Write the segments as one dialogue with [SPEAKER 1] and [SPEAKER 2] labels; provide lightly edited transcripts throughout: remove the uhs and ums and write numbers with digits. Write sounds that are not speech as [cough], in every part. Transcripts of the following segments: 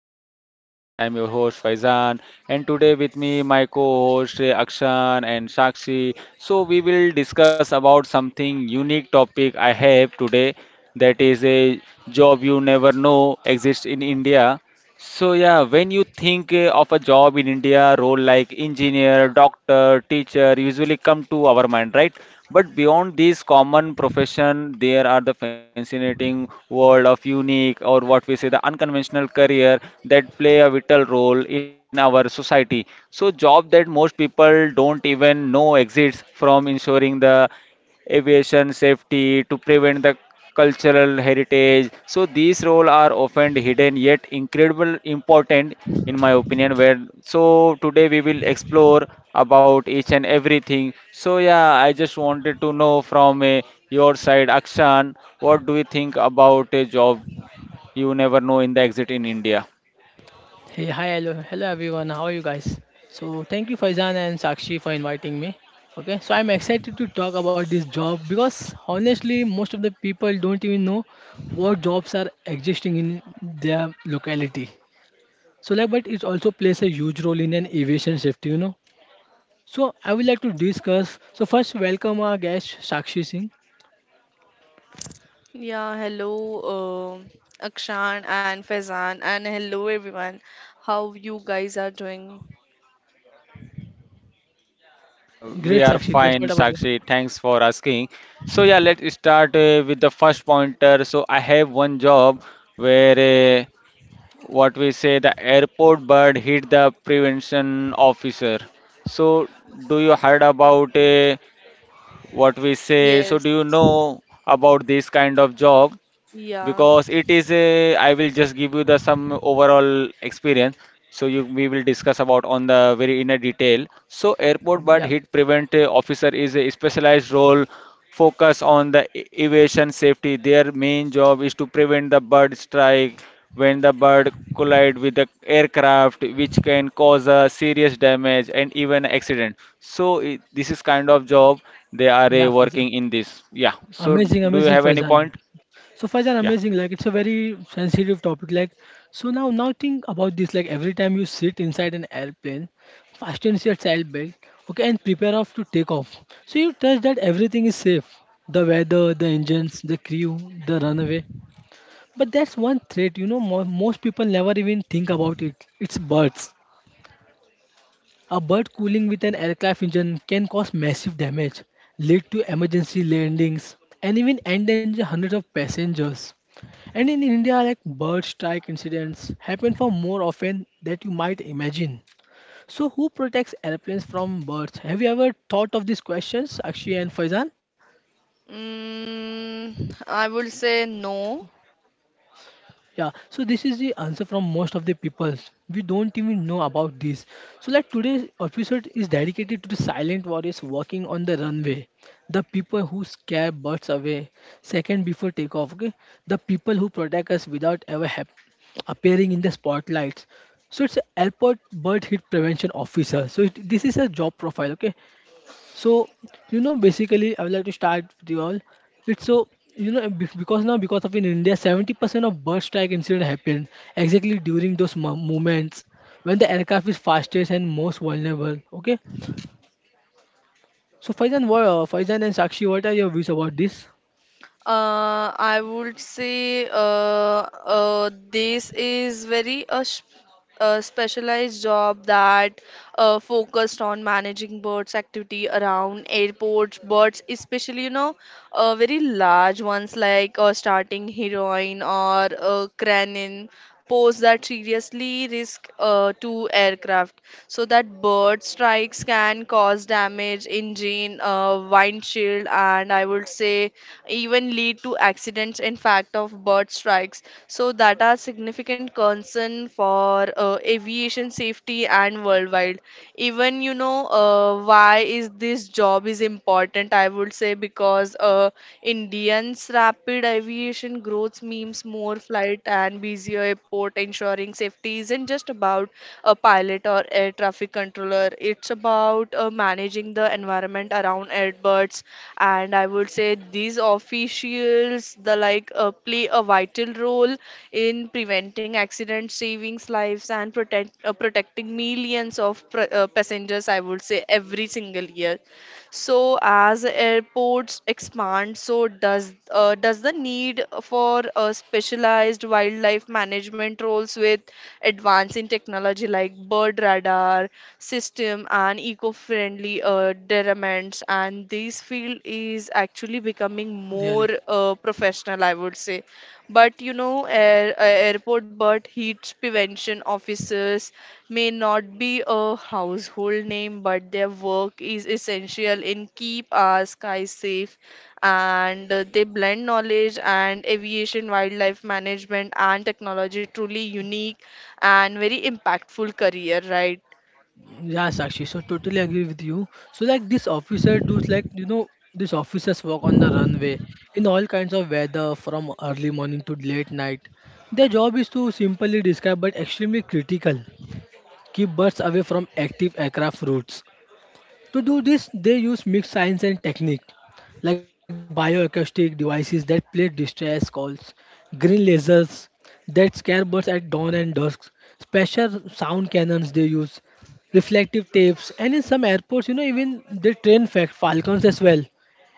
[SPEAKER 1] welcome to my podcast. I am your host Faizan, and today with me my co-host Akshan and Sakshi. So we will discuss about something unique topic I have today, that is a job you never know exists in India. So yeah, when you think of a job in India, role like engineer, doctor, teacher usually come to our mind, right? But beyond these common profession, there are the fascinating world of unique or what we say the unconventional career that play a vital role in our society. So job that most people don't even know exists from ensuring the aviation safety, to prevent the cultural heritage. So these roles are often hidden yet incredible important in my opinion where so today we will explore about each and everything. So yeah, I just wanted to know from your side, Akshan, what do you think about a job you never know in the exit in India?
[SPEAKER 2] Hey, hi, hello, hello everyone. How are you guys? So thank you Faizan and Sakshi for inviting me. Okay, so I'm excited to talk about this job because honestly, most of the people don't even know what jobs are existing in their locality. So like, but it also plays a huge role in an aviation safety, you know. So I would like to discuss. So first, welcome our guest Sakshi Singh.
[SPEAKER 3] Yeah, hello, Akshan and Faizan, and hello everyone. How you guys are doing?
[SPEAKER 1] We
[SPEAKER 2] Great
[SPEAKER 1] are
[SPEAKER 2] Sakshi, great.
[SPEAKER 1] fine,
[SPEAKER 2] What about you?
[SPEAKER 1] Sakshi. Thanks for asking. So yeah, let's start with the first pointer. So I have one job where uh, what we say the airport bird hit the prevention officer. So do you heard about what we say? So
[SPEAKER 3] Yes,
[SPEAKER 1] do you know about this kind of job?
[SPEAKER 3] yeah.
[SPEAKER 1] Because it is a, I will just give you the some overall experience. So you we will discuss about on the very inner detail. So airport but
[SPEAKER 2] Yeah,
[SPEAKER 1] hit prevent officer is a specialized role focus on the aviation safety. Their main job is to prevent the bird strike when the bird collide with the aircraft which can cause a serious damage and even accident. So I this is kind of job they are
[SPEAKER 2] yeah, Faizan.
[SPEAKER 1] working in this. Yeah. So
[SPEAKER 2] Amazing,
[SPEAKER 1] do you
[SPEAKER 2] amazing
[SPEAKER 1] have any
[SPEAKER 2] Faizan.
[SPEAKER 1] point?
[SPEAKER 2] So far,
[SPEAKER 1] Yeah.
[SPEAKER 2] are amazing. Like it's a very sensitive topic. Like so now think about this. Like every time you sit inside an airplane, fasten your child belt, okay, and prepare off to take off. So you trust that everything is safe. The weather, the engines, the crew, the runway. But that's one threat. You know, most people never even think about it. It's birds. A bird cooling with an aircraft engine can cause massive damage, lead to emergency landings, and even endanger hundreds of passengers. And in India, like bird strike incidents happen for more often that you might imagine. So, who protects airplanes from birds? Have you ever thought of these questions, Akshi and Faizan?
[SPEAKER 3] Mm, I would say no.
[SPEAKER 2] Yeah, so this is the answer from most of the peoples. We don't even know about this. So like today's episode is dedicated to the silent warriors working on the runway. The people who scare birds away second before takeoff, okay? The people who protect us without ever appearing in the spotlights. So it's a airport bird hit prevention officer. So this is a job profile, okay? So, you know, basically, I would like to start with you all. It's so, you know, because now, because of in India, 70% of bird strike incident happen exactly during those moments when the aircraft is fastest and most vulnerable. Okay. So, Faizan, what, Faizan and Sakshi, what are your views about this?
[SPEAKER 3] I would say this is a specialized job that focused on managing birds activity around airports, birds especially, you know, very large ones like starting heroin or cranin, pose that seriously risk to aircraft, so that bird strikes can cause damage engine, windshield, and I would say even lead to accidents. In fact of bird strikes, so that are significant concern for aviation safety and worldwide. Even, you know, why is this job is important, I would say because indians rapid aviation growth means more flight and busier airport, ensuring safety isn't just about a pilot or air traffic controller. It's about managing the environment around airbirds, and I would say these officials, the like, play a vital role in preventing accidents, saving lives, and protecting millions of passengers. I would say every single year. So as airports expand, so does the need for specialized wildlife management roles with advance in technology like bird radar system and eco-friendly derriments, and this field is actually becoming
[SPEAKER 2] Really?
[SPEAKER 3] more professional, I would say. But you know, airport bird heat prevention officers may not be a household name, but their work is essential in keep our skies safe, and they blend knowledge and aviation, wildlife management, and technology. Truly unique and very impactful career, right?
[SPEAKER 2] Yes, actually, so totally agree with you. So like this officer does like you know these officers work on the runway in all kinds of weather from early morning to late night. Their job is to simply describe but extremely critical. Keep birds away from active aircraft routes to do this, they use mixed science and technique, like bioacoustic devices that play distress calls, green lasers that scare birds at dawn and dusk, special sound cannons they use, reflective tapes, and in some airports, you know, even they train fact falcons as well.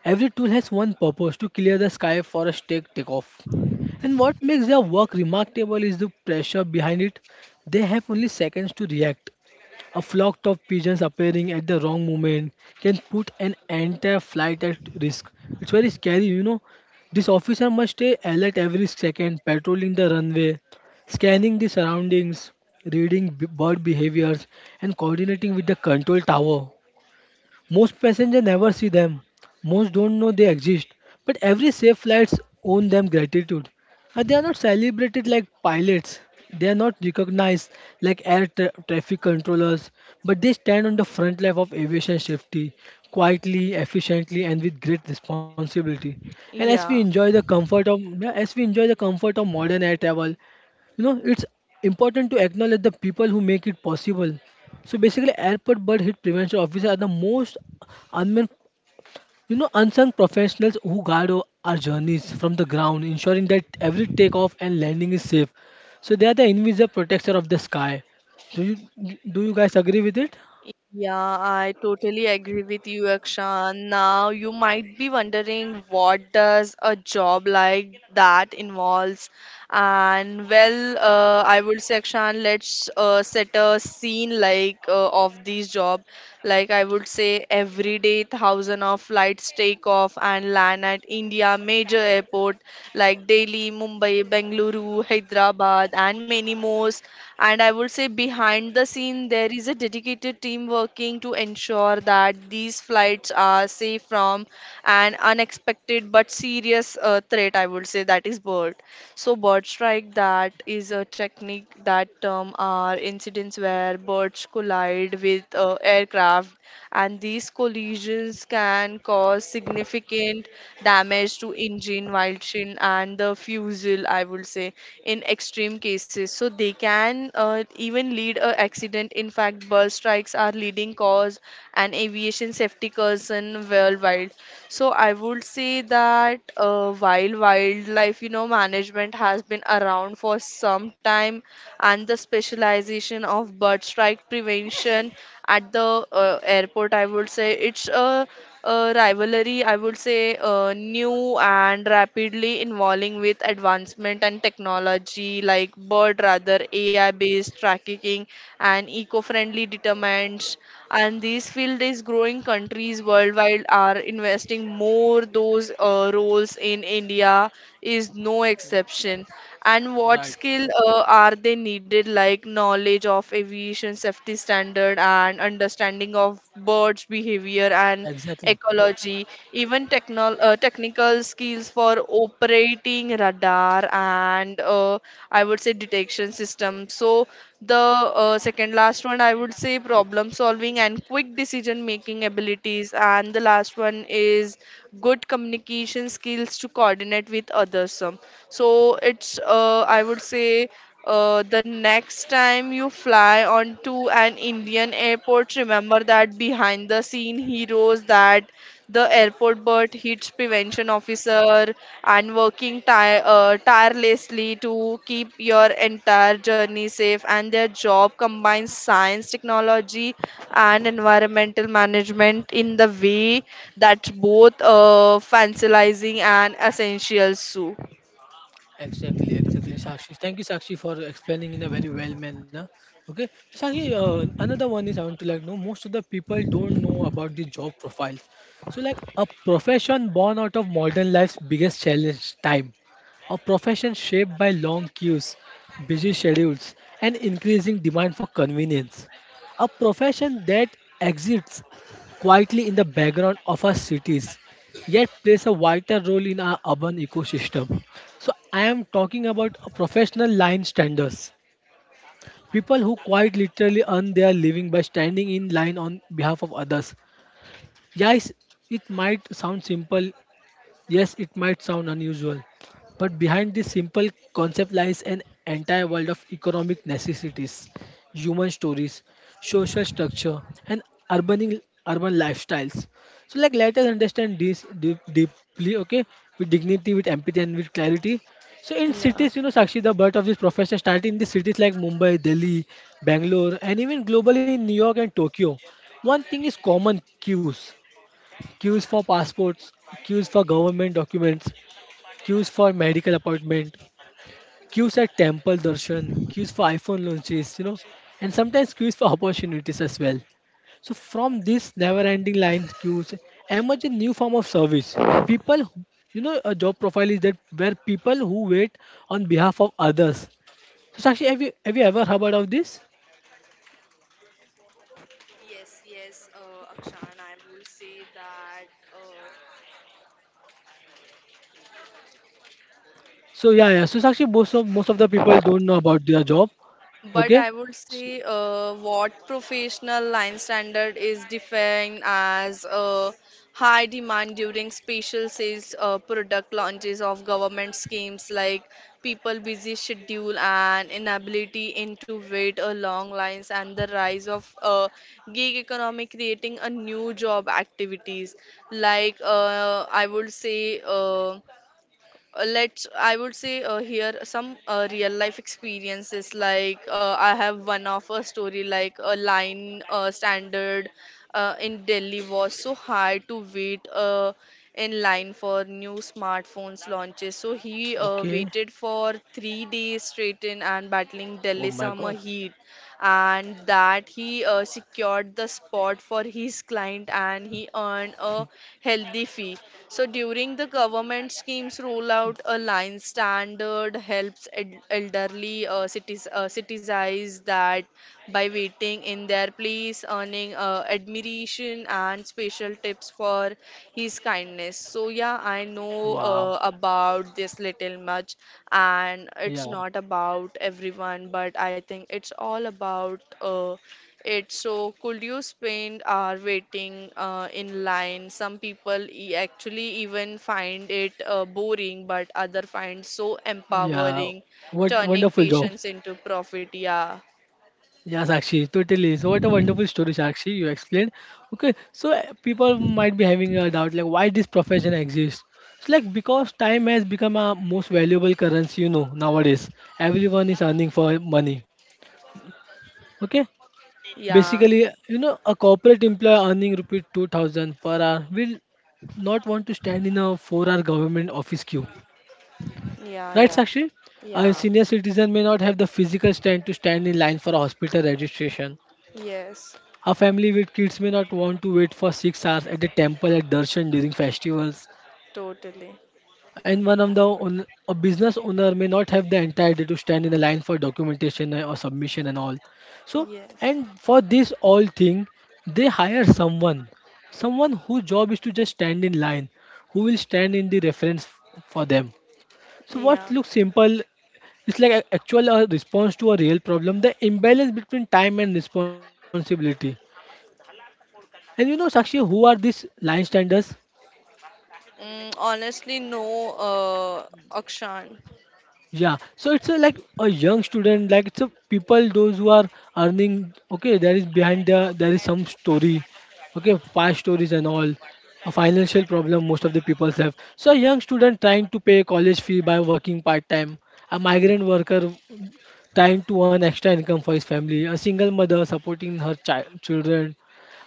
[SPEAKER 2] Every tool has one purpose to clear the sky for a takeoff. And what makes their work remarkable is the pressure behind it. They have only seconds to react. A flock of pigeons appearing at the wrong moment can put an entire flight at risk. It's very scary, you know. This officer must stay alert every second, patrolling the runway, scanning the surroundings, reading bird behaviors, and coordinating with the control tower. Most passengers never see them. Most don't know they exist. But every safe flights own them gratitude. They are not celebrated like pilots. They are not recognized like air traffic controllers, but they stand on the front line of aviation safety quietly, efficiently, and with great responsibility. And as we
[SPEAKER 3] Yeah.
[SPEAKER 2] enjoy the comfort of yeah, as we enjoy the comfort of modern air travel, you know it's important to acknowledge the people who make it possible so basically, airport bird hit prevention officers are the most unmen, you know, unsung professionals who guide our journeys from the ground, ensuring that every takeoff and landing is safe. So they are the invisible protector of the sky. Do you do you guys agree with it?
[SPEAKER 3] Yeah, I totally agree with you, Akshan. Now, you might be wondering, what does a job like that involves? And well, I would say, Akshan, let's set a scene like of this job. Like I would say, every day thousand of flights take off and land at India major airport like Delhi, Mumbai, Bengaluru, Hyderabad, and many more. And I would say, behind the scene, there is a dedicated team working to ensure that these flights are safe from an unexpected but serious threat. I would say that is bird. So, bird strike, that is a technique that term are incidents where birds collide with aircraft, and these collisions can cause significant damage to engine, windshield, and the fuselage. I would say in extreme cases, so they can even lead a accident. In fact, bird strikes are leading cause and aviation safety concern worldwide. So I would say that while wildlife, you know, management has been around for some time, and the specialization of bird strike prevention at the airport, I would say it's a rivalry, I would say new and rapidly evolving with advancement and technology like bird rather AI based tracking and eco-friendly determinants, and this field is growing. Countries worldwide are investing more those roles in India is no exception. And
[SPEAKER 2] Right.
[SPEAKER 3] what skill are they needed, like knowledge of aviation safety standard and understanding of birds behavior and
[SPEAKER 2] Exactly.
[SPEAKER 3] ecology, even technical skills for operating radar and I would say detection system. So the second last one, I would say, problem solving and quick decision making abilities, and the last one is good communication skills to coordinate with others. So it's I would say the next time you fly onto an Indian airport, remember that behind the scene heroes, that the airport bird hits prevention officer and working tirelessly to keep your entire journey safe. And their job combines science technology and environmental management in the way that's both fantasizing and essential. So
[SPEAKER 2] Exactly, exactly, Sakshi. Thank you, Sakshi, for explaining in a very well manner. Okay, Sakshi, another one is I want to like know most of the people don't know about the job profiles. So, like a profession born out of modern life's biggest challenge, time. A profession shaped by long queues, busy schedules, and increasing demand for convenience. A profession that exists quietly in the background of our cities yet plays a vital role in our urban ecosystem. So I am talking about professional line standers, people who quite literally earn their living by standing in line on behalf of others. Yes, it might sound simple Yes, it might sound unusual, but behind this simple concept lies an entire world of economic necessities, human stories, social structure, and urban urban lifestyles. So, like, let us understand this deeply, okay, with dignity, with empathy, and with clarity. So, in cities,
[SPEAKER 3] yeah.
[SPEAKER 2] you know, Sakshi, the birth of this profession started in the cities like Mumbai, Delhi, Bangalore, and even globally in New York and Tokyo. One thing is common queues queues for passports, queues for government documents, queues for medical appointment, queues at temple darshan, queues for iPhone launches, you know, and sometimes queues for opportunities as well. So from this never-ending lines queues emerge a new form of service. People, who- you know, a job profile is that where people who wait on behalf of others. So Sakshi, have you ever heard of this?
[SPEAKER 3] Yes, yes, Akshan, I will say that. uh,
[SPEAKER 2] So yeah, yeah. So Sakshi, most of the people don't know about their job.
[SPEAKER 3] But
[SPEAKER 2] Okay.
[SPEAKER 3] I would
[SPEAKER 2] S-
[SPEAKER 3] say what professional line standard is defined as high demand during special sales, product launches of government schemes like people busy schedule and inability into wait a long lines and the rise of gig economy creating a new job activities, like I would say let's, I would say here some real life experiences. Like I have one of a story, like a line standard in delhi was so high to wait in line for new smartphones launches, so he
[SPEAKER 2] Okay.
[SPEAKER 3] waited for 3 days straight in and battling
[SPEAKER 2] Oh
[SPEAKER 3] delhi
[SPEAKER 2] my
[SPEAKER 3] summer
[SPEAKER 2] God.
[SPEAKER 3] heat, and that he secured the spot for his client, and he earned a healthy fee. So during the government schemes rollout, a line standard helps elderly cities citizens that by waiting in their place, earning admiration and special tips for his kindness. So yeah, I know
[SPEAKER 2] Wow.
[SPEAKER 3] about this little much, and
[SPEAKER 2] Yeah.
[SPEAKER 3] it's not about everyone, but I think it's all about it. So, could you spend our waiting in line? Some people actually even find it boring, but other find so
[SPEAKER 2] Yeah.
[SPEAKER 3] empowering,
[SPEAKER 2] What
[SPEAKER 3] turning
[SPEAKER 2] wonderful job.
[SPEAKER 3] patience into profit. Yeah,
[SPEAKER 2] Yeah, Sakshi, totally. So what a wonderful story, Sakshi, you explained. Okay, so people might be having a doubt like why this profession exists. So like because time has become a most valuable currency, you know, nowadays. Everyone is earning for money. Okay?
[SPEAKER 3] yeah.
[SPEAKER 2] Basically, you know, a corporate employee earning rupees 2,000 per hour will not want to stand in a 4-hour government office queue
[SPEAKER 3] Yeah,
[SPEAKER 2] Right,
[SPEAKER 3] yeah,
[SPEAKER 2] Sakshi? A
[SPEAKER 3] yeah.
[SPEAKER 2] senior citizen may not have the physical strength to stand in line for a hospital registration.
[SPEAKER 3] Yes,
[SPEAKER 2] A family with kids may not want to wait for 6 hours at a temple at darshan during festivals.
[SPEAKER 3] totally.
[SPEAKER 2] And one of the own, a business owner may not have the entire day to stand in a line for documentation or submission and all. So,
[SPEAKER 3] Yes,
[SPEAKER 2] and for this all thing, they hire someone, someone whose job is to just stand in line, who will stand in the reference for them. So
[SPEAKER 3] yeah.
[SPEAKER 2] what looks simple is like a actual a response to a real problem, the imbalance between time and responsibility. And you know, Sakshi, who are these line standers?
[SPEAKER 3] Mm, honestly, no, Akshan.
[SPEAKER 2] Yeah, so it's a, like a young student, like it's a people those who are earning. Okay, there is some story, okay, past stories and all, a financial problem most of the people have. So a young student trying to pay college fee by working part time, a migrant worker trying to earn extra income for his family, a single mother supporting her child children,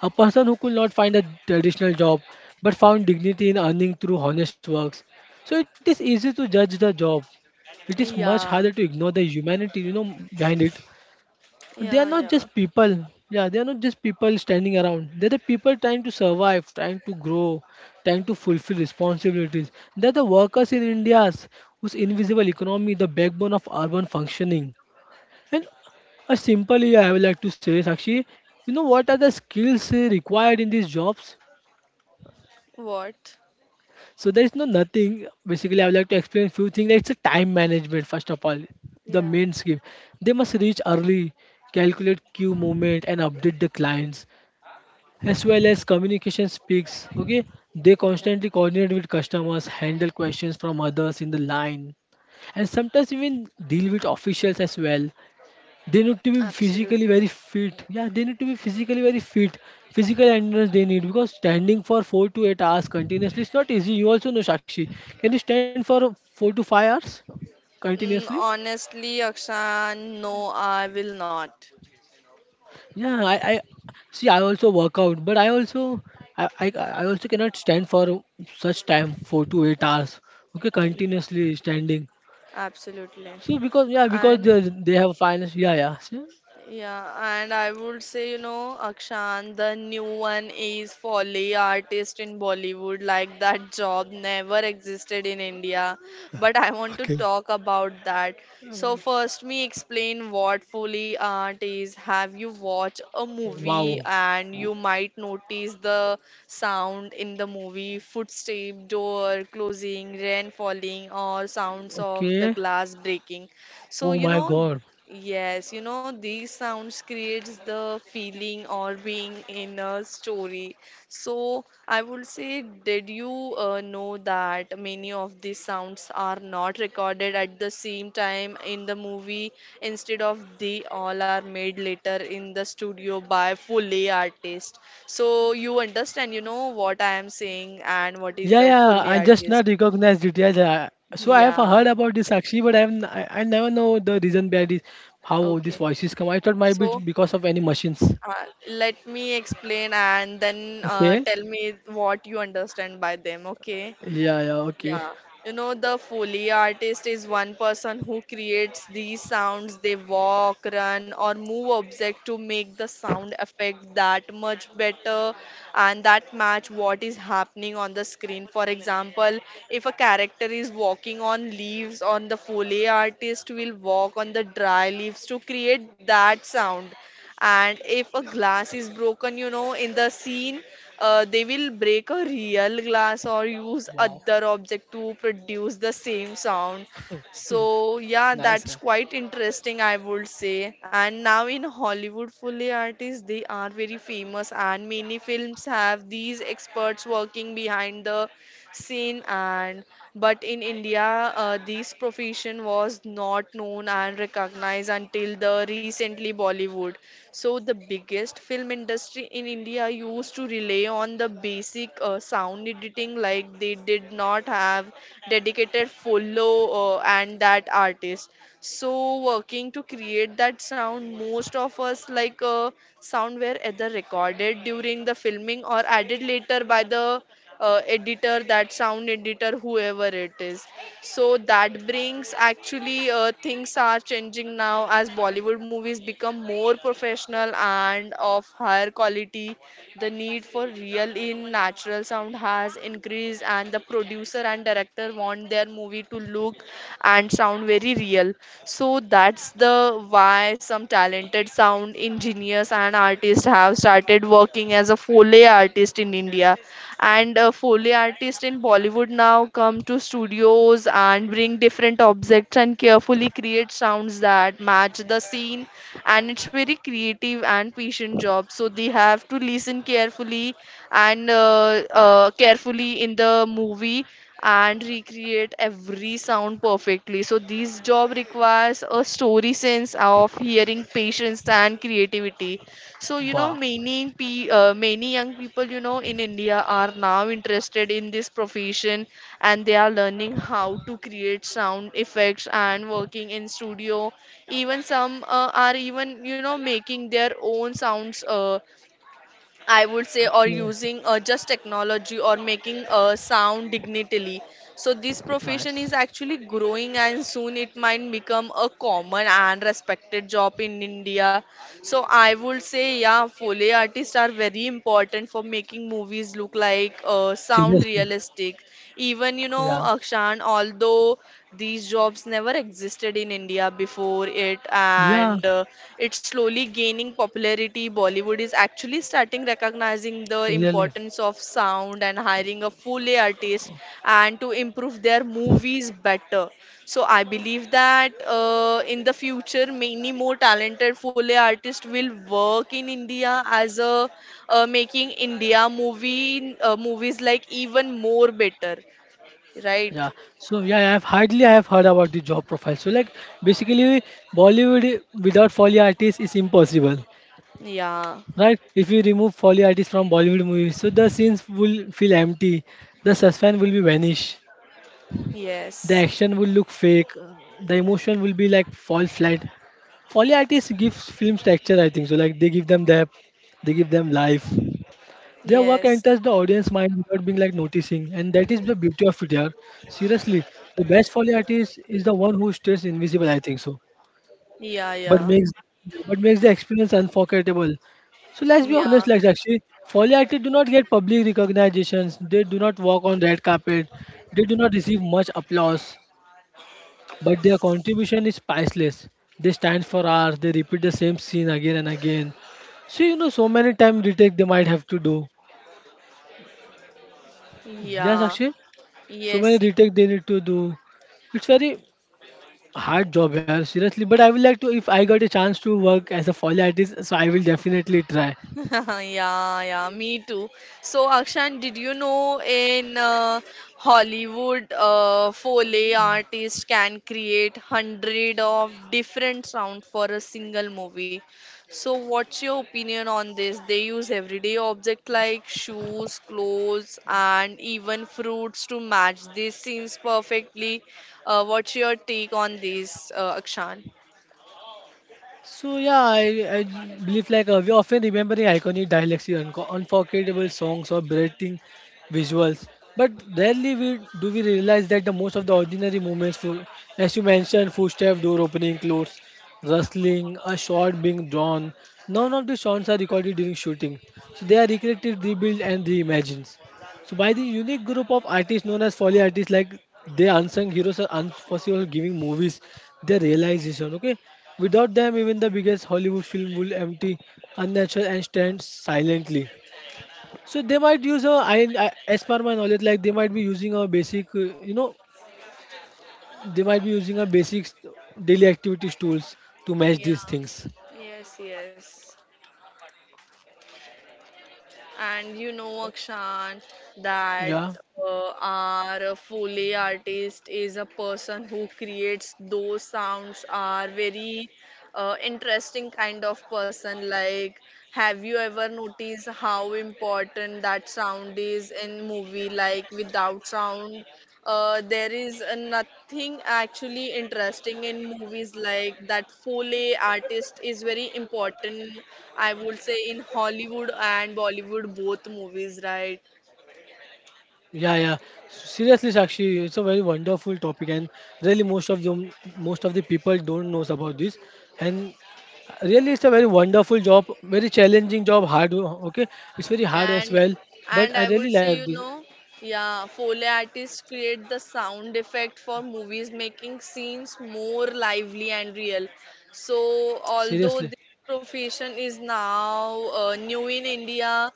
[SPEAKER 2] a person who could not find a traditional job but found dignity in earning through honest works. So it is easy to judge the job it is much harder
[SPEAKER 3] Yeah,
[SPEAKER 2] to ignore the humanity you know behind it they
[SPEAKER 3] yeah,
[SPEAKER 2] are not
[SPEAKER 3] yeah.
[SPEAKER 2] just people yeah they are not just people standing around they're the people trying to survive trying to grow trying to fulfill responsibilities they're the workers in india's whose invisible economy the backbone of urban functioning and a simple yeah, I would like to say sakshi you know what are the skills required in these jobs
[SPEAKER 3] What?
[SPEAKER 2] So there is no nothing. Basically, I would like to explain few things. It's a time management first of all. The
[SPEAKER 3] Yeah,
[SPEAKER 2] main scheme. They must reach early, calculate queue movement, and update the clients as well as communication speaks. Okay, they
[SPEAKER 3] yeah,
[SPEAKER 2] constantly coordinate with customers, handle questions from others in the line, and sometimes even deal with officials as well. They need to be physically
[SPEAKER 3] absolutely.
[SPEAKER 2] very fit. Yeah, they need to be physically very fit. Physical endurance they need because standing for 4 to 8 hours continuously is not easy. You also know Sakshi. Can you stand for 4 to 5 hours continuously?
[SPEAKER 3] Mm, honestly, Akshan, no, I will not.
[SPEAKER 2] Yeah, I see. I also work out, but I also cannot stand for such time 4 to 8 hours. Okay,
[SPEAKER 3] Yeah,
[SPEAKER 2] continuously standing.
[SPEAKER 3] absolutely.
[SPEAKER 2] So because yeah, because
[SPEAKER 3] And
[SPEAKER 2] they have finance. Yeah, yeah. See?
[SPEAKER 3] yeah, and I would say, you know, Akshan, the new one is Folly artist in Bollywood. Like that job never existed in India. But I want to
[SPEAKER 2] Okay.
[SPEAKER 3] talk about that. So first me explain what Foley art is. Have you watched a movie
[SPEAKER 2] Wow.
[SPEAKER 3] and you might notice the sound in the movie, footstep, door closing, rain falling, or sounds of the
[SPEAKER 2] Okay.
[SPEAKER 3] glass breaking. So
[SPEAKER 2] Oh
[SPEAKER 3] you
[SPEAKER 2] my
[SPEAKER 3] know,
[SPEAKER 2] God.
[SPEAKER 3] yes, you know, these sounds creates the feeling or being in a story. So I would say, did you know that many of these sounds are not recorded at the same time in the movie? Instead of they all are made later in the studio by Foley artist. So you understand, you know, what I am saying, and what is
[SPEAKER 2] Yeah,
[SPEAKER 3] a
[SPEAKER 2] yeah,
[SPEAKER 3] Foley
[SPEAKER 2] I just
[SPEAKER 3] artist.
[SPEAKER 2] not recognize it. Yeah, yeah. So I have
[SPEAKER 3] Yeah.
[SPEAKER 2] heard about this Sakshi, but I never know the reason behind it, how these
[SPEAKER 3] Okay.
[SPEAKER 2] voices come. I thought might be
[SPEAKER 3] So.
[SPEAKER 2] because of any machines.
[SPEAKER 3] Uh, let me explain, and then
[SPEAKER 2] Okay.
[SPEAKER 3] tell me what you understand by them, okay?
[SPEAKER 2] Yeah, yeah, okay.
[SPEAKER 3] Yeah. You know, the Foley artist is one person who creates these sounds. They walk, run, or move object to make the sound effect that much better, and that match what is happening on the screen. For example, if a character is walking on leaves, on the Foley artist will walk on the dry leaves to create that sound. And if a glass is broken, you know, in the scene, they will break a real glass or use
[SPEAKER 2] Wow,
[SPEAKER 3] other object to produce the same sound. So yeah,
[SPEAKER 2] nice. Yeah.
[SPEAKER 3] that's quite interesting, I would say. And now in hollywood, Foley artists, they are very famous, and many films have these experts working behind the seen. And but in India, this profession was not known and recognized until the recently Bollywood. So the biggest film industry in India used to rely on the basic sound editing, like they did not have dedicated follow and that artist. So working to create that sound, most of us, like sound were either recorded during the filming or added later by the editor, that sound editor, whoever it is. So that brings actually, things are changing now as bollywood movies become more professional and of higher quality. The need for real in natural sound has increased, and the producer and director want their movie to look and sound very real. So that's the why some talented sound engineers and artists have started working as a foley artist in india. And foley artists in bollywood now come to studios and bring different objects and carefully create sounds that match the scene. And it's very creative and patient job, so they have to listen carefully and carefully in the movie and recreate every sound perfectly. So this job requires a story sense of hearing, patience, and creativity. So you know,
[SPEAKER 2] Wow.
[SPEAKER 3] many young people, you know, in India are now interested in this profession, and they are learning how to create sound effects and working in studio. Even some are even, you know, making their own sounds, I would say, or
[SPEAKER 2] Okay,
[SPEAKER 3] using just technology or making a sound digitally. So this profession
[SPEAKER 2] nice.
[SPEAKER 3] is actually growing, and soon it might become a common and respected job in India. So I would say, yeah, Foley artists are very important for making movies look like sound
[SPEAKER 2] Seriously.
[SPEAKER 3] realistic. Even you know,
[SPEAKER 2] Yeah.
[SPEAKER 3] Akshan, although these jobs never existed in India before it,
[SPEAKER 2] Yeah,
[SPEAKER 3] and it's slowly gaining popularity. Bollywood is actually starting recognizing the
[SPEAKER 2] really.
[SPEAKER 3] importance of sound and hiring a Foley artist and to improve their movies better. So I believe that in the future, many more talented Foley artists will work in India as a making India movie movies like even more better,
[SPEAKER 2] Yeah.
[SPEAKER 3] right?
[SPEAKER 2] So yeah, I have heard about the job profile. So like basically Bollywood without foley artists is impossible.
[SPEAKER 3] Yeah.
[SPEAKER 2] Right? If you remove folly artists from Bollywood movies, so the scenes will feel empty, the suspense will be vanish, the
[SPEAKER 3] Yes.
[SPEAKER 2] action will look fake, the emotion will be like fall flat. Folly artists give films texture, I think. So like they give them depth, they give them life. Their work
[SPEAKER 3] Yes.
[SPEAKER 2] enters the audience mind without being like noticing, and that is the beauty of it. Yeah. Seriously, the best folly is the one who stays invisible. I think so,
[SPEAKER 3] Yeah.
[SPEAKER 2] but
[SPEAKER 3] Yeah.
[SPEAKER 2] makes but makes the experience unforgettable. So let's be
[SPEAKER 3] Yeah.
[SPEAKER 2] honest, like actually, Foley actors do not get public recognitions. They do not walk on red carpet. They do not receive much applause, but their contribution is priceless. They stand for hours. They repeat the same scene again and again. So you know, so many time retake they might have to do. Yes,
[SPEAKER 3] Yeah.
[SPEAKER 2] actually, so many
[SPEAKER 3] Yes.
[SPEAKER 2] retake they need to do. It's very hard job, here, seriously. But I will like to, if I got a chance to work as a Foley artist, so I will definitely try.
[SPEAKER 3] [laughs] yeah, yeah, me too. So, Akshan, did you know in Hollywood, Foley artists can create 100 of different sound for a single movie? So, what's your opinion on this? They use everyday object like shoes, clothes, and even fruits to match these scenes perfectly. What's your take on this, Akshan?
[SPEAKER 2] Believe like we often remembering iconic dialects, and unforgettable songs or breathtaking visuals, but rarely we do we realize that the most of the ordinary moments, for, as you mentioned, footsteps, door opening, clothes, rustling, a shot being drawn, none of the shots are recorded during shooting, so they are recreated, rebuilt, and reimagined. So by the unique group of artists known as folly artists, like they unsung heroes are unforeseeable giving movies their realization. Okay, without them, even the biggest Hollywood film will empty, unnatural, and stand silently. So they might use a, as per my knowledge, like they might be using a basic, you know, they might be using a basic daily activities tools to match
[SPEAKER 3] Yeah.
[SPEAKER 2] these things.
[SPEAKER 3] Yes, yes. And you know, Akshan, that
[SPEAKER 2] Yeah.
[SPEAKER 3] our Foley artist is a person who creates those sounds, are very interesting kind of person. Like, have you ever noticed how important that sound is in movie? Like, without sound, there is nothing actually interesting in movies like that Foley artist is very important I would say in Hollywood and Bollywood both movies, right?
[SPEAKER 2] Yeah, yeah. Seriously, Sakshi, it's a very wonderful topic, and really most of them, most of the people don't knows about this. And really, it's a very wonderful job, very challenging job, hard. Okay, it's very hard as
[SPEAKER 3] and
[SPEAKER 2] well. But
[SPEAKER 3] and
[SPEAKER 2] I
[SPEAKER 3] I
[SPEAKER 2] really
[SPEAKER 3] would say,
[SPEAKER 2] like
[SPEAKER 3] you
[SPEAKER 2] this.
[SPEAKER 3] know, yeah, Foley artists create the sound effect for movies making scenes more lively and real. So although
[SPEAKER 2] Seriously.
[SPEAKER 3] this profession is now new in India,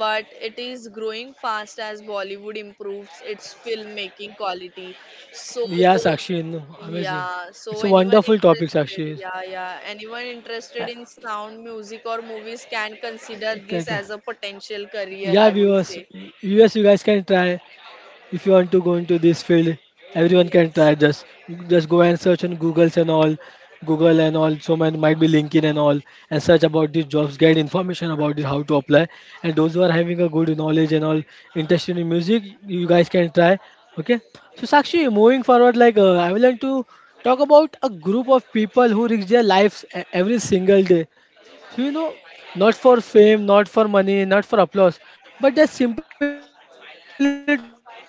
[SPEAKER 3] but it is growing fast as Bollywood improves its filmmaking quality. So
[SPEAKER 2] Yeah, Sakshi, no, amazing.
[SPEAKER 3] yeah,
[SPEAKER 2] It's
[SPEAKER 3] so
[SPEAKER 2] a
[SPEAKER 3] anyone
[SPEAKER 2] wonderful topic,
[SPEAKER 3] interested,
[SPEAKER 2] Sakshi.
[SPEAKER 3] yeah, yeah, anyone interested
[SPEAKER 2] I-
[SPEAKER 3] in sound, music, or movies can consider this
[SPEAKER 2] Can,
[SPEAKER 3] as a potential career,
[SPEAKER 2] yeah,
[SPEAKER 3] I would
[SPEAKER 2] viewers,
[SPEAKER 3] say.
[SPEAKER 2] you guys can try. If you want to go into this field, everyone can try.
[SPEAKER 3] Yes. [laughs]
[SPEAKER 2] Just go and search on googles and all, google and all, so man might be LinkedIn and all, and search about these jobs, get information about it, how to apply. And those who are having a good knowledge and all, interested in music, you guys can try. Okay. So Sakshi, moving forward, like I would like to talk about a group of people who risk their lives every single day. So, you know, not for fame, not for money, not for applause, but just simply to protect both humans and animals.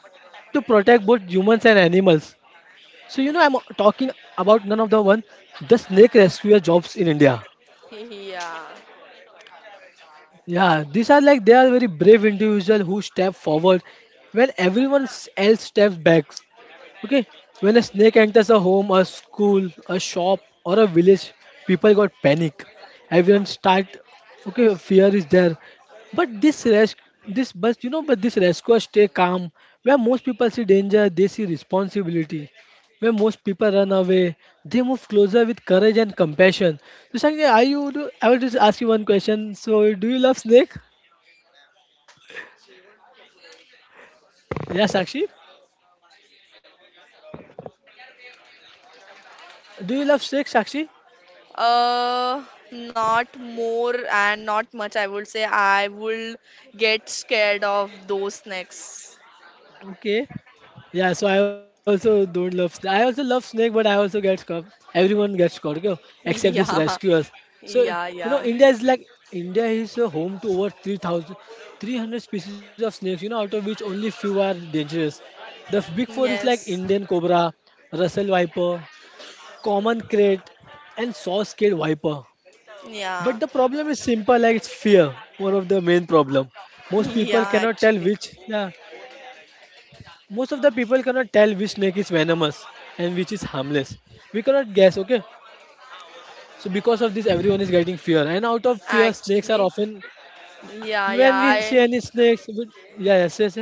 [SPEAKER 2] So you know I'm talking about none of the one, the snake rescuer jobs in India.
[SPEAKER 3] Yeah.
[SPEAKER 2] Yeah, these are like they are very brave individual who step forward when everyone else steps back. Okay, when a snake enters a home, a school, a shop, or a village, people got panic. Everyone start. Okay, fear is there, but this res this but you know, but this rescuer stay calm. Where most people see danger, they see responsibility. Where most people run away, they move closer with courage and compassion. So, Sakshi, are you? I will just ask you one question. So, do you love snake? Yeah, Sakshi. Do you love snake, Sakshi?
[SPEAKER 3] Uh, Not more and not much, I would say. I will get scared of those snakes.
[SPEAKER 2] Okay. Yeah, so I also don't love. I also love snake, but I also get caught. Everyone gets caught, okay?
[SPEAKER 3] [laughs]
[SPEAKER 2] Except these
[SPEAKER 3] Yeah,
[SPEAKER 2] rescuers. So
[SPEAKER 3] yeah, yeah.
[SPEAKER 2] you know, India is like India is a home to over 3,000 species of snakes. You know, out of which only few are dangerous. The big four is like
[SPEAKER 3] Yes,
[SPEAKER 2] Indian cobra, Russell viper, common crate, and saw-scaled viper.
[SPEAKER 3] yeah,
[SPEAKER 2] But the problem is simple, like it's fear. One of the main problem.
[SPEAKER 3] [laughs]
[SPEAKER 2] Most people
[SPEAKER 3] yeah,
[SPEAKER 2] cannot tell
[SPEAKER 3] actually.
[SPEAKER 2] which. Yeah, most of the people cannot tell which snake is venomous and which is harmless. We cannot guess, okay? So because of this, everyone is getting fear, and out of fear snakes are
[SPEAKER 3] Actually,
[SPEAKER 2] often
[SPEAKER 3] yeah, yeah,
[SPEAKER 2] when we see
[SPEAKER 3] I
[SPEAKER 2] any snakes we, yeah, yes, yes, yes.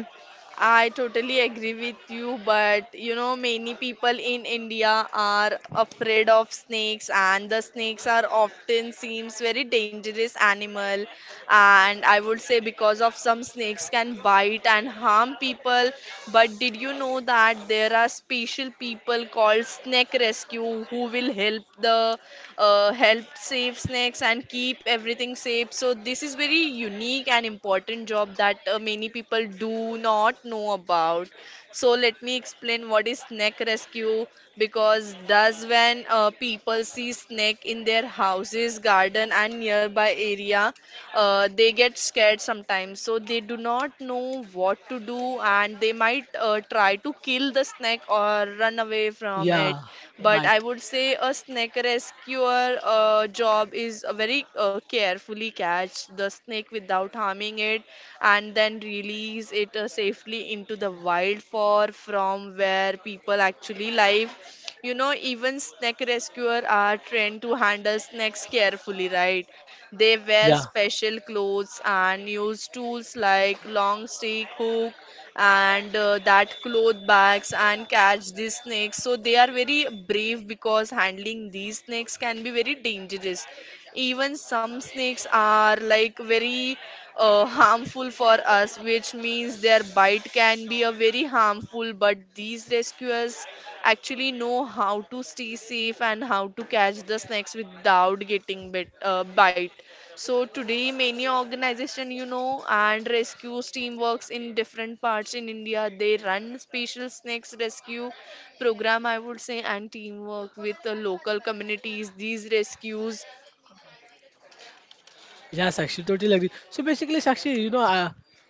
[SPEAKER 3] I totally agree with you, but you know, many people in India are afraid of snakes, and the snakes are often seems very dangerous animal. And I would say because of some snakes can bite and harm people, but did you know that there are special people called snake rescue who will help the help save snakes and keep everything safe? So this is very unique and important job that many people do not know about. So let me explain what is snake rescue, because that's when people see snake in their houses, garden and nearby area, they get scared sometimes. So they do not know what to do and they might try to kill the snake snack or run away from it.
[SPEAKER 2] Yeah,
[SPEAKER 3] But
[SPEAKER 2] right.
[SPEAKER 3] I would say a snake rescuer job is a very carefully catch the snake without harming it, and then release it safely into the wild for from where people actually live. You know, even snake rescuer are trained to handle snakes carefully, right? They wear
[SPEAKER 2] Yeah,
[SPEAKER 3] special clothes and use tools like long stick, hook, and that cloth bags, and catch these snakes, so they are very brave because handling these snakes can be very dangerous. Even some snakes are like very harmful for us, which means their bite can be a very harmful. But these rescuers actually know how to stay safe and how to catch the snakes without getting bite. So today, many organization you know and rescue team works in different parts in India. They run special snakes rescue program, I would say, and teamwork with the local communities. These rescues.
[SPEAKER 2] yeah, Sakshi, totally agree. So basically, Sakshi, you know,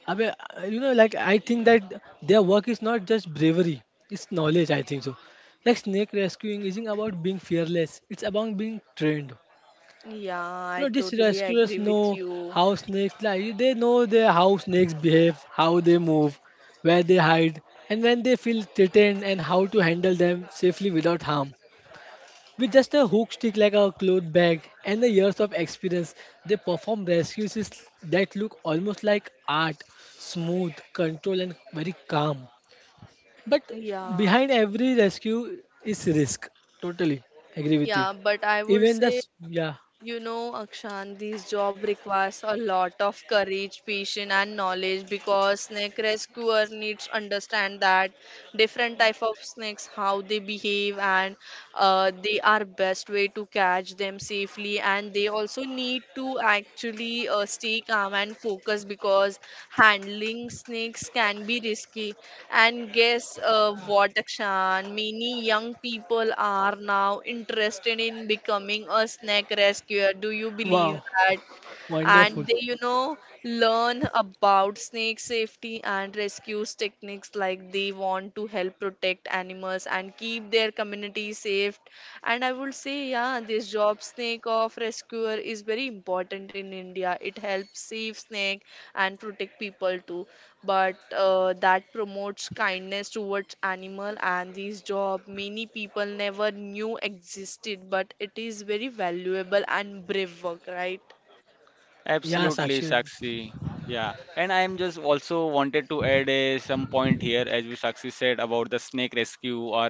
[SPEAKER 2] I mean, you know, like I think that their work is not just bravery, it's knowledge, I think so. Like snake rescuing isn't about being fearless, it's about being trained.
[SPEAKER 3] Yeah,
[SPEAKER 2] You know,
[SPEAKER 3] I
[SPEAKER 2] these
[SPEAKER 3] totally agree
[SPEAKER 2] rescuers
[SPEAKER 3] with
[SPEAKER 2] know
[SPEAKER 3] you.
[SPEAKER 2] how snakes like they know their how snakes behave, how they move, where they hide, and when they feel threatened and how to handle them safely without harm. With just a hook stick like a cloth bag and the years of experience, they perform rescues that look almost like art, smooth, controlled, and very calm. But
[SPEAKER 3] Yeah,
[SPEAKER 2] behind every rescue is risk. Totally agree with it.
[SPEAKER 3] yeah, but I would say,
[SPEAKER 2] Yeah,
[SPEAKER 3] you know, Akshan, this job requires a lot of courage, patience, and knowledge because snake rescuer needs understand that different type of snakes, how they behave, and they are best way to catch them safely, and they also need to actually stay calm and focus because handling snakes can be risky. And guess what, Akshan? Many young people are now interested in becoming a snake rescuer. Do you believe
[SPEAKER 2] wow,
[SPEAKER 3] that? And they,
[SPEAKER 2] wonderful.
[SPEAKER 3] you know, learn about snake safety and rescue techniques, like they want to help protect animals and keep their community safe. And I would say, yeah, this job snake of rescuer is very important in India, it helps save snake and protect people too. But that promotes kindness towards animal, and this job many people never knew existed, but it is very valuable and brave work, right?
[SPEAKER 2] Yeah,
[SPEAKER 1] Absolutely,
[SPEAKER 2] Sakshi.
[SPEAKER 1] Sakshi. Yeah, and I am just also wanted to add some point here, as we Sakshi said about the snake rescue or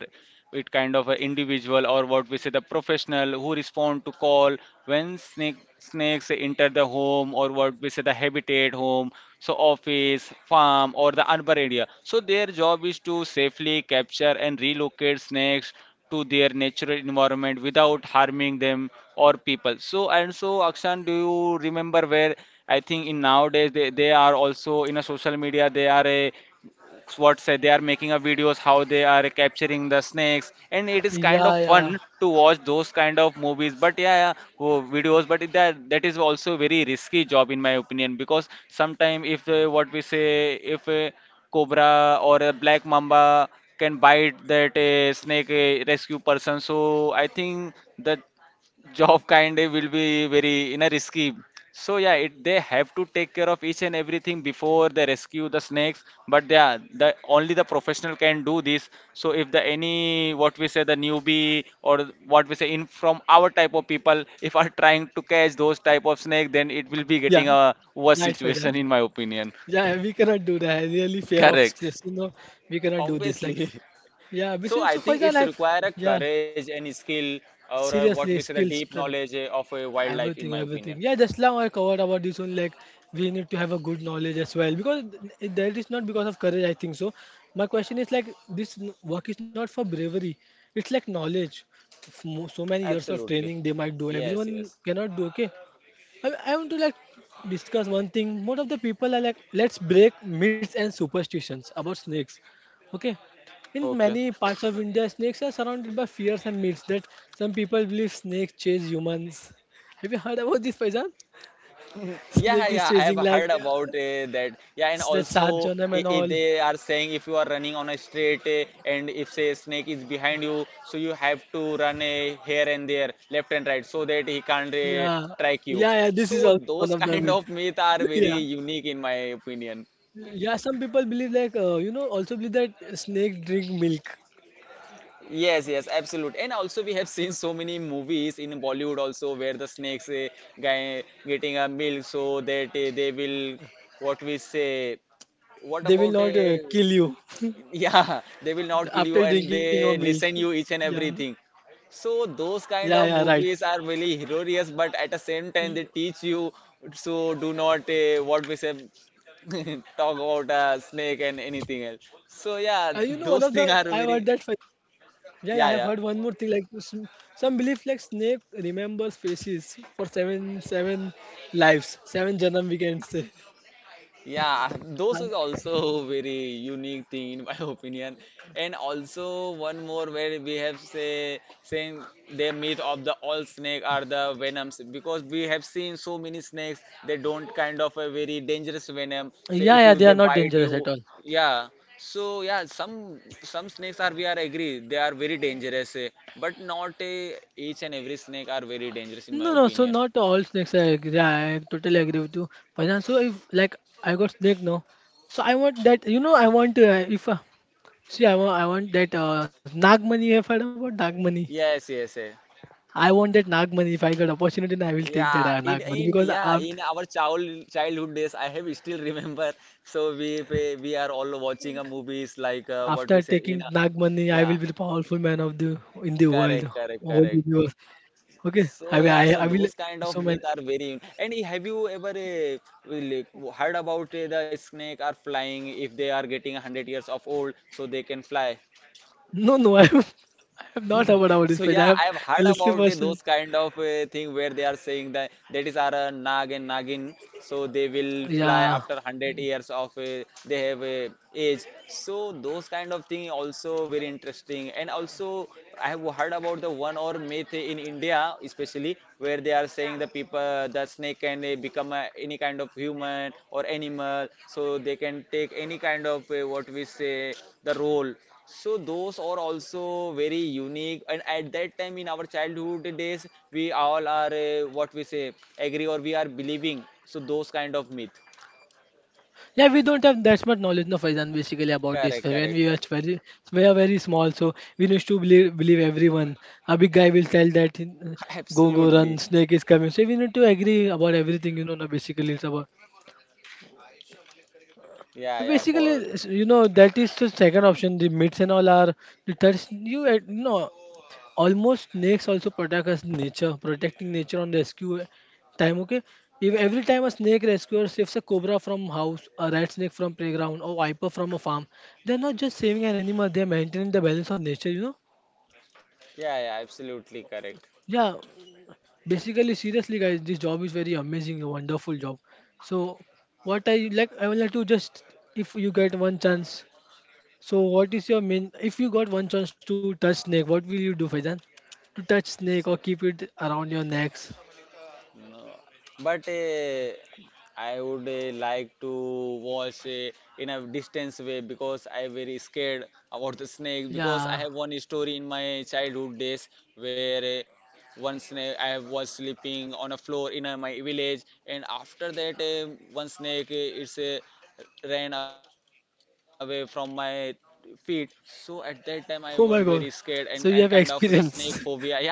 [SPEAKER 1] it kind of an individual or what we say the professional who respond to call when snakes enter the home or what we say the habitat home, so office farm or the urban area, so their job is to safely capture and relocate snakes to their natural environment without harming them or people. So and so Akshan, do you remember where I think in nowadays they are also in a social media, they are a what say they are making a videos how they are capturing the snakes, and it
[SPEAKER 2] Yeah,
[SPEAKER 1] is kind
[SPEAKER 2] yeah,
[SPEAKER 1] of fun to watch those kind of movies. But yeah, yeah, videos, but that is also very risky job in my opinion. Because sometime if what we say if a cobra or a black mamba can bite that snake rescue person, so I think that job kind of will be very in a risky. So yeah they have to take care of each and everything before they rescue the snakes, but they are the only the professional can do this. So if the any what we say the newbie or what we say in from our type of people if are trying to catch those type of snake, then it will be getting
[SPEAKER 2] yeah.
[SPEAKER 1] a worse
[SPEAKER 2] Right, for that.
[SPEAKER 1] situation in my opinion.
[SPEAKER 2] Yeah, we cannot do that. Really fear of
[SPEAKER 1] Correct.
[SPEAKER 2] stress. You know, we cannot do this. Like,
[SPEAKER 1] Obviously. [laughs]
[SPEAKER 2] yeah,
[SPEAKER 1] So
[SPEAKER 2] besides,
[SPEAKER 1] I
[SPEAKER 2] so for
[SPEAKER 1] think
[SPEAKER 2] that.
[SPEAKER 1] it's
[SPEAKER 2] Like,
[SPEAKER 1] require a
[SPEAKER 2] yeah,
[SPEAKER 1] courage and skill or a, what we say
[SPEAKER 2] seriously,
[SPEAKER 1] the
[SPEAKER 2] skills,
[SPEAKER 1] deep
[SPEAKER 2] strength,
[SPEAKER 1] knowledge of a wildlife in my
[SPEAKER 2] everything,
[SPEAKER 1] opinion.
[SPEAKER 2] everything. Yeah, just now I covered about this one. Like, we need to have a good knowledge as well, because that is not because of courage. I think so. My question is like, this work is not for bravery. It's like knowledge. So many years of
[SPEAKER 1] Absolutely.
[SPEAKER 2] training they might do.
[SPEAKER 1] Yes,
[SPEAKER 2] Everyone
[SPEAKER 1] yes.
[SPEAKER 2] cannot do. Okay, I want to like discuss one thing. Most of the people are like, let's break myths and superstitions about snakes. Okay. In
[SPEAKER 1] Okay.
[SPEAKER 2] many parts of India, snakes are surrounded by fears and myths that some people believe snakes chase humans. Have you heard about this, Faizan?
[SPEAKER 1] [laughs] Yeah,
[SPEAKER 2] Snake
[SPEAKER 1] yeah,
[SPEAKER 2] is
[SPEAKER 1] I have
[SPEAKER 2] chasing
[SPEAKER 1] heard
[SPEAKER 2] like
[SPEAKER 1] about that. Yeah, and
[SPEAKER 2] that
[SPEAKER 1] also
[SPEAKER 2] Sarjanam and
[SPEAKER 1] if
[SPEAKER 2] all.
[SPEAKER 1] they are saying if you are running on a straight and if say snake is behind you, so you have to run here and there, left and right, so that he can't
[SPEAKER 2] Yeah.
[SPEAKER 1] track you.
[SPEAKER 2] Yeah, yeah, this
[SPEAKER 1] So
[SPEAKER 2] is also
[SPEAKER 1] those
[SPEAKER 2] one
[SPEAKER 1] [laughs]
[SPEAKER 2] of the
[SPEAKER 1] kind of
[SPEAKER 2] myths.
[SPEAKER 1] myth are
[SPEAKER 2] [laughs]
[SPEAKER 1] very
[SPEAKER 2] Yeah.
[SPEAKER 1] unique in my opinion.
[SPEAKER 2] Yeah, some people believe like, you know, also believe that snake drink milk.
[SPEAKER 1] Yes, yes, absolute. And also we have seen so many movies in Bollywood also where the snakes guy getting a milk so that they will what we say what
[SPEAKER 2] They will
[SPEAKER 1] about
[SPEAKER 2] not kill you.
[SPEAKER 1] yeah [laughs] they will not kill you
[SPEAKER 2] After
[SPEAKER 1] and
[SPEAKER 2] drinking of
[SPEAKER 1] they
[SPEAKER 2] milk.
[SPEAKER 1] listen you each and
[SPEAKER 2] Yeah,
[SPEAKER 1] everything. So those
[SPEAKER 2] yeah,
[SPEAKER 1] kind
[SPEAKER 2] yeah,
[SPEAKER 1] of
[SPEAKER 2] right.
[SPEAKER 1] movies are really hilarious, but at the same
[SPEAKER 2] Y-
[SPEAKER 1] time they teach you so do not what we say [laughs] talk about a snake and anything else. So yeah,
[SPEAKER 2] You know, one of
[SPEAKER 1] those
[SPEAKER 2] the
[SPEAKER 1] things are
[SPEAKER 2] I've heard
[SPEAKER 1] very
[SPEAKER 2] that. Fi- yeah, yeah, I've
[SPEAKER 1] yeah
[SPEAKER 2] heard
[SPEAKER 1] yeah.
[SPEAKER 2] one more thing. Like some belief, like snake remembers faces for seven, seven lives, seven janam. We can say.
[SPEAKER 1] Yeah, [laughs] those
[SPEAKER 2] Uh,
[SPEAKER 1] is also [laughs] very unique thing in my [laughs] opinion. And also one more where we have say saying the myth of the all snake are the venoms, because we have seen so many snakes they don't kind of a very dangerous venom. Say if
[SPEAKER 2] yeah,
[SPEAKER 1] you
[SPEAKER 2] yeah,
[SPEAKER 1] they
[SPEAKER 2] they are not
[SPEAKER 1] bite you,
[SPEAKER 2] dangerous at all.
[SPEAKER 1] yeah. So yeah, some snakes are we are agree they are very dangerous, but not each and every snake are very dangerous in my
[SPEAKER 2] No, no, so
[SPEAKER 1] opinion.
[SPEAKER 2] not all snakes are agree. Yeah, I totally agree with you. But then, so if like I got snake now, so I want that. You know, I want if see, I want that nag money. I've heard about nag money.
[SPEAKER 1] Yes, yes, yes.
[SPEAKER 2] I want that Nag money. If I get opportunity, then I will take that
[SPEAKER 1] Yeah, in
[SPEAKER 2] Nag money
[SPEAKER 1] in
[SPEAKER 2] because
[SPEAKER 1] yeah, in
[SPEAKER 2] after,
[SPEAKER 1] our childhood days, I have still remember. [laughs] So we are all watching a movies like what we
[SPEAKER 2] after
[SPEAKER 1] say in
[SPEAKER 2] taking
[SPEAKER 1] a,
[SPEAKER 2] Nag money, I
[SPEAKER 1] yeah,
[SPEAKER 2] will be the powerful man of the in the world,
[SPEAKER 1] correct, correct,
[SPEAKER 2] whole
[SPEAKER 1] correct.
[SPEAKER 2] universe.
[SPEAKER 1] So
[SPEAKER 2] Okay,
[SPEAKER 1] yeah, so
[SPEAKER 2] I will. I,
[SPEAKER 1] those
[SPEAKER 2] I
[SPEAKER 1] kind
[SPEAKER 2] will
[SPEAKER 1] of myth are
[SPEAKER 2] so many.
[SPEAKER 1] very. And have you ever like, heard about the snake are flying if they are getting 100 years of old, so they can fly?
[SPEAKER 2] No, no, [laughs] I have not
[SPEAKER 1] [laughs]
[SPEAKER 2] heard about
[SPEAKER 1] So
[SPEAKER 2] this page.
[SPEAKER 1] yeah,
[SPEAKER 2] I
[SPEAKER 1] I
[SPEAKER 2] have
[SPEAKER 1] have heard about
[SPEAKER 2] listened first
[SPEAKER 1] those
[SPEAKER 2] time.
[SPEAKER 1] kind of thing where they are saying that that is our nag and nagin, so they will fly
[SPEAKER 2] Yeah.
[SPEAKER 1] after 100 years of they have age. So those kind of thing also very interesting. And also I have heard about the one or myth in India especially where they are saying the people the snake can become any kind of human or animal, so they can take any kind of what we say the role. So those are also very unique. And at that time in our childhood days, we all are what we say agree or we are believing. So those kind of myth.
[SPEAKER 2] Yeah, we don't have that much knowledge, no, Faizan, basically about this.
[SPEAKER 1] Correct,
[SPEAKER 2] When
[SPEAKER 1] correct.
[SPEAKER 2] we were very, we are very small, so we used to believe, believe everyone. A big guy will tell that,
[SPEAKER 1] [laughs]
[SPEAKER 2] go, go,
[SPEAKER 1] Absolutely.
[SPEAKER 2] run, snake is coming. So we need to agree about everything, you know, no, basically it's about.
[SPEAKER 1] Yeah, yeah.
[SPEAKER 2] Basically,
[SPEAKER 1] For
[SPEAKER 2] it's- you know, that is the second option. The myths and all are the third. You no, almost snakes also protect us, nature, protecting nature on rescue time. Okay, if every time a snake rescuer saves a cobra from house, a rat snake from playground, or viper from a farm, they're not just saving an animal, they're maintaining the balance of nature, you know.
[SPEAKER 1] yeah, yeah. Absolutely correct.
[SPEAKER 2] Yeah, basically, seriously guys, this job is very amazing, a wonderful job. So what I like, I would like to just, if you get one chance, so what is your main, if you got one chance to touch snake, what will you do, Faizan? To touch snake
[SPEAKER 1] So
[SPEAKER 2] or keep it around your necks.
[SPEAKER 1] no, but I would like to watch in a distance way, because I very scared about the snake, because I have
[SPEAKER 2] Yeah.
[SPEAKER 1] one story in my childhood days where one snake I was sleeping on a floor in my village and after that one snake it's ran away from my feet, so at that time I was very scared,
[SPEAKER 2] Oh
[SPEAKER 1] and,
[SPEAKER 2] my
[SPEAKER 1] and kind
[SPEAKER 2] God.
[SPEAKER 1] of the
[SPEAKER 2] So
[SPEAKER 1] snake
[SPEAKER 2] you have
[SPEAKER 1] phobia, yeah.
[SPEAKER 2] experience. [laughs]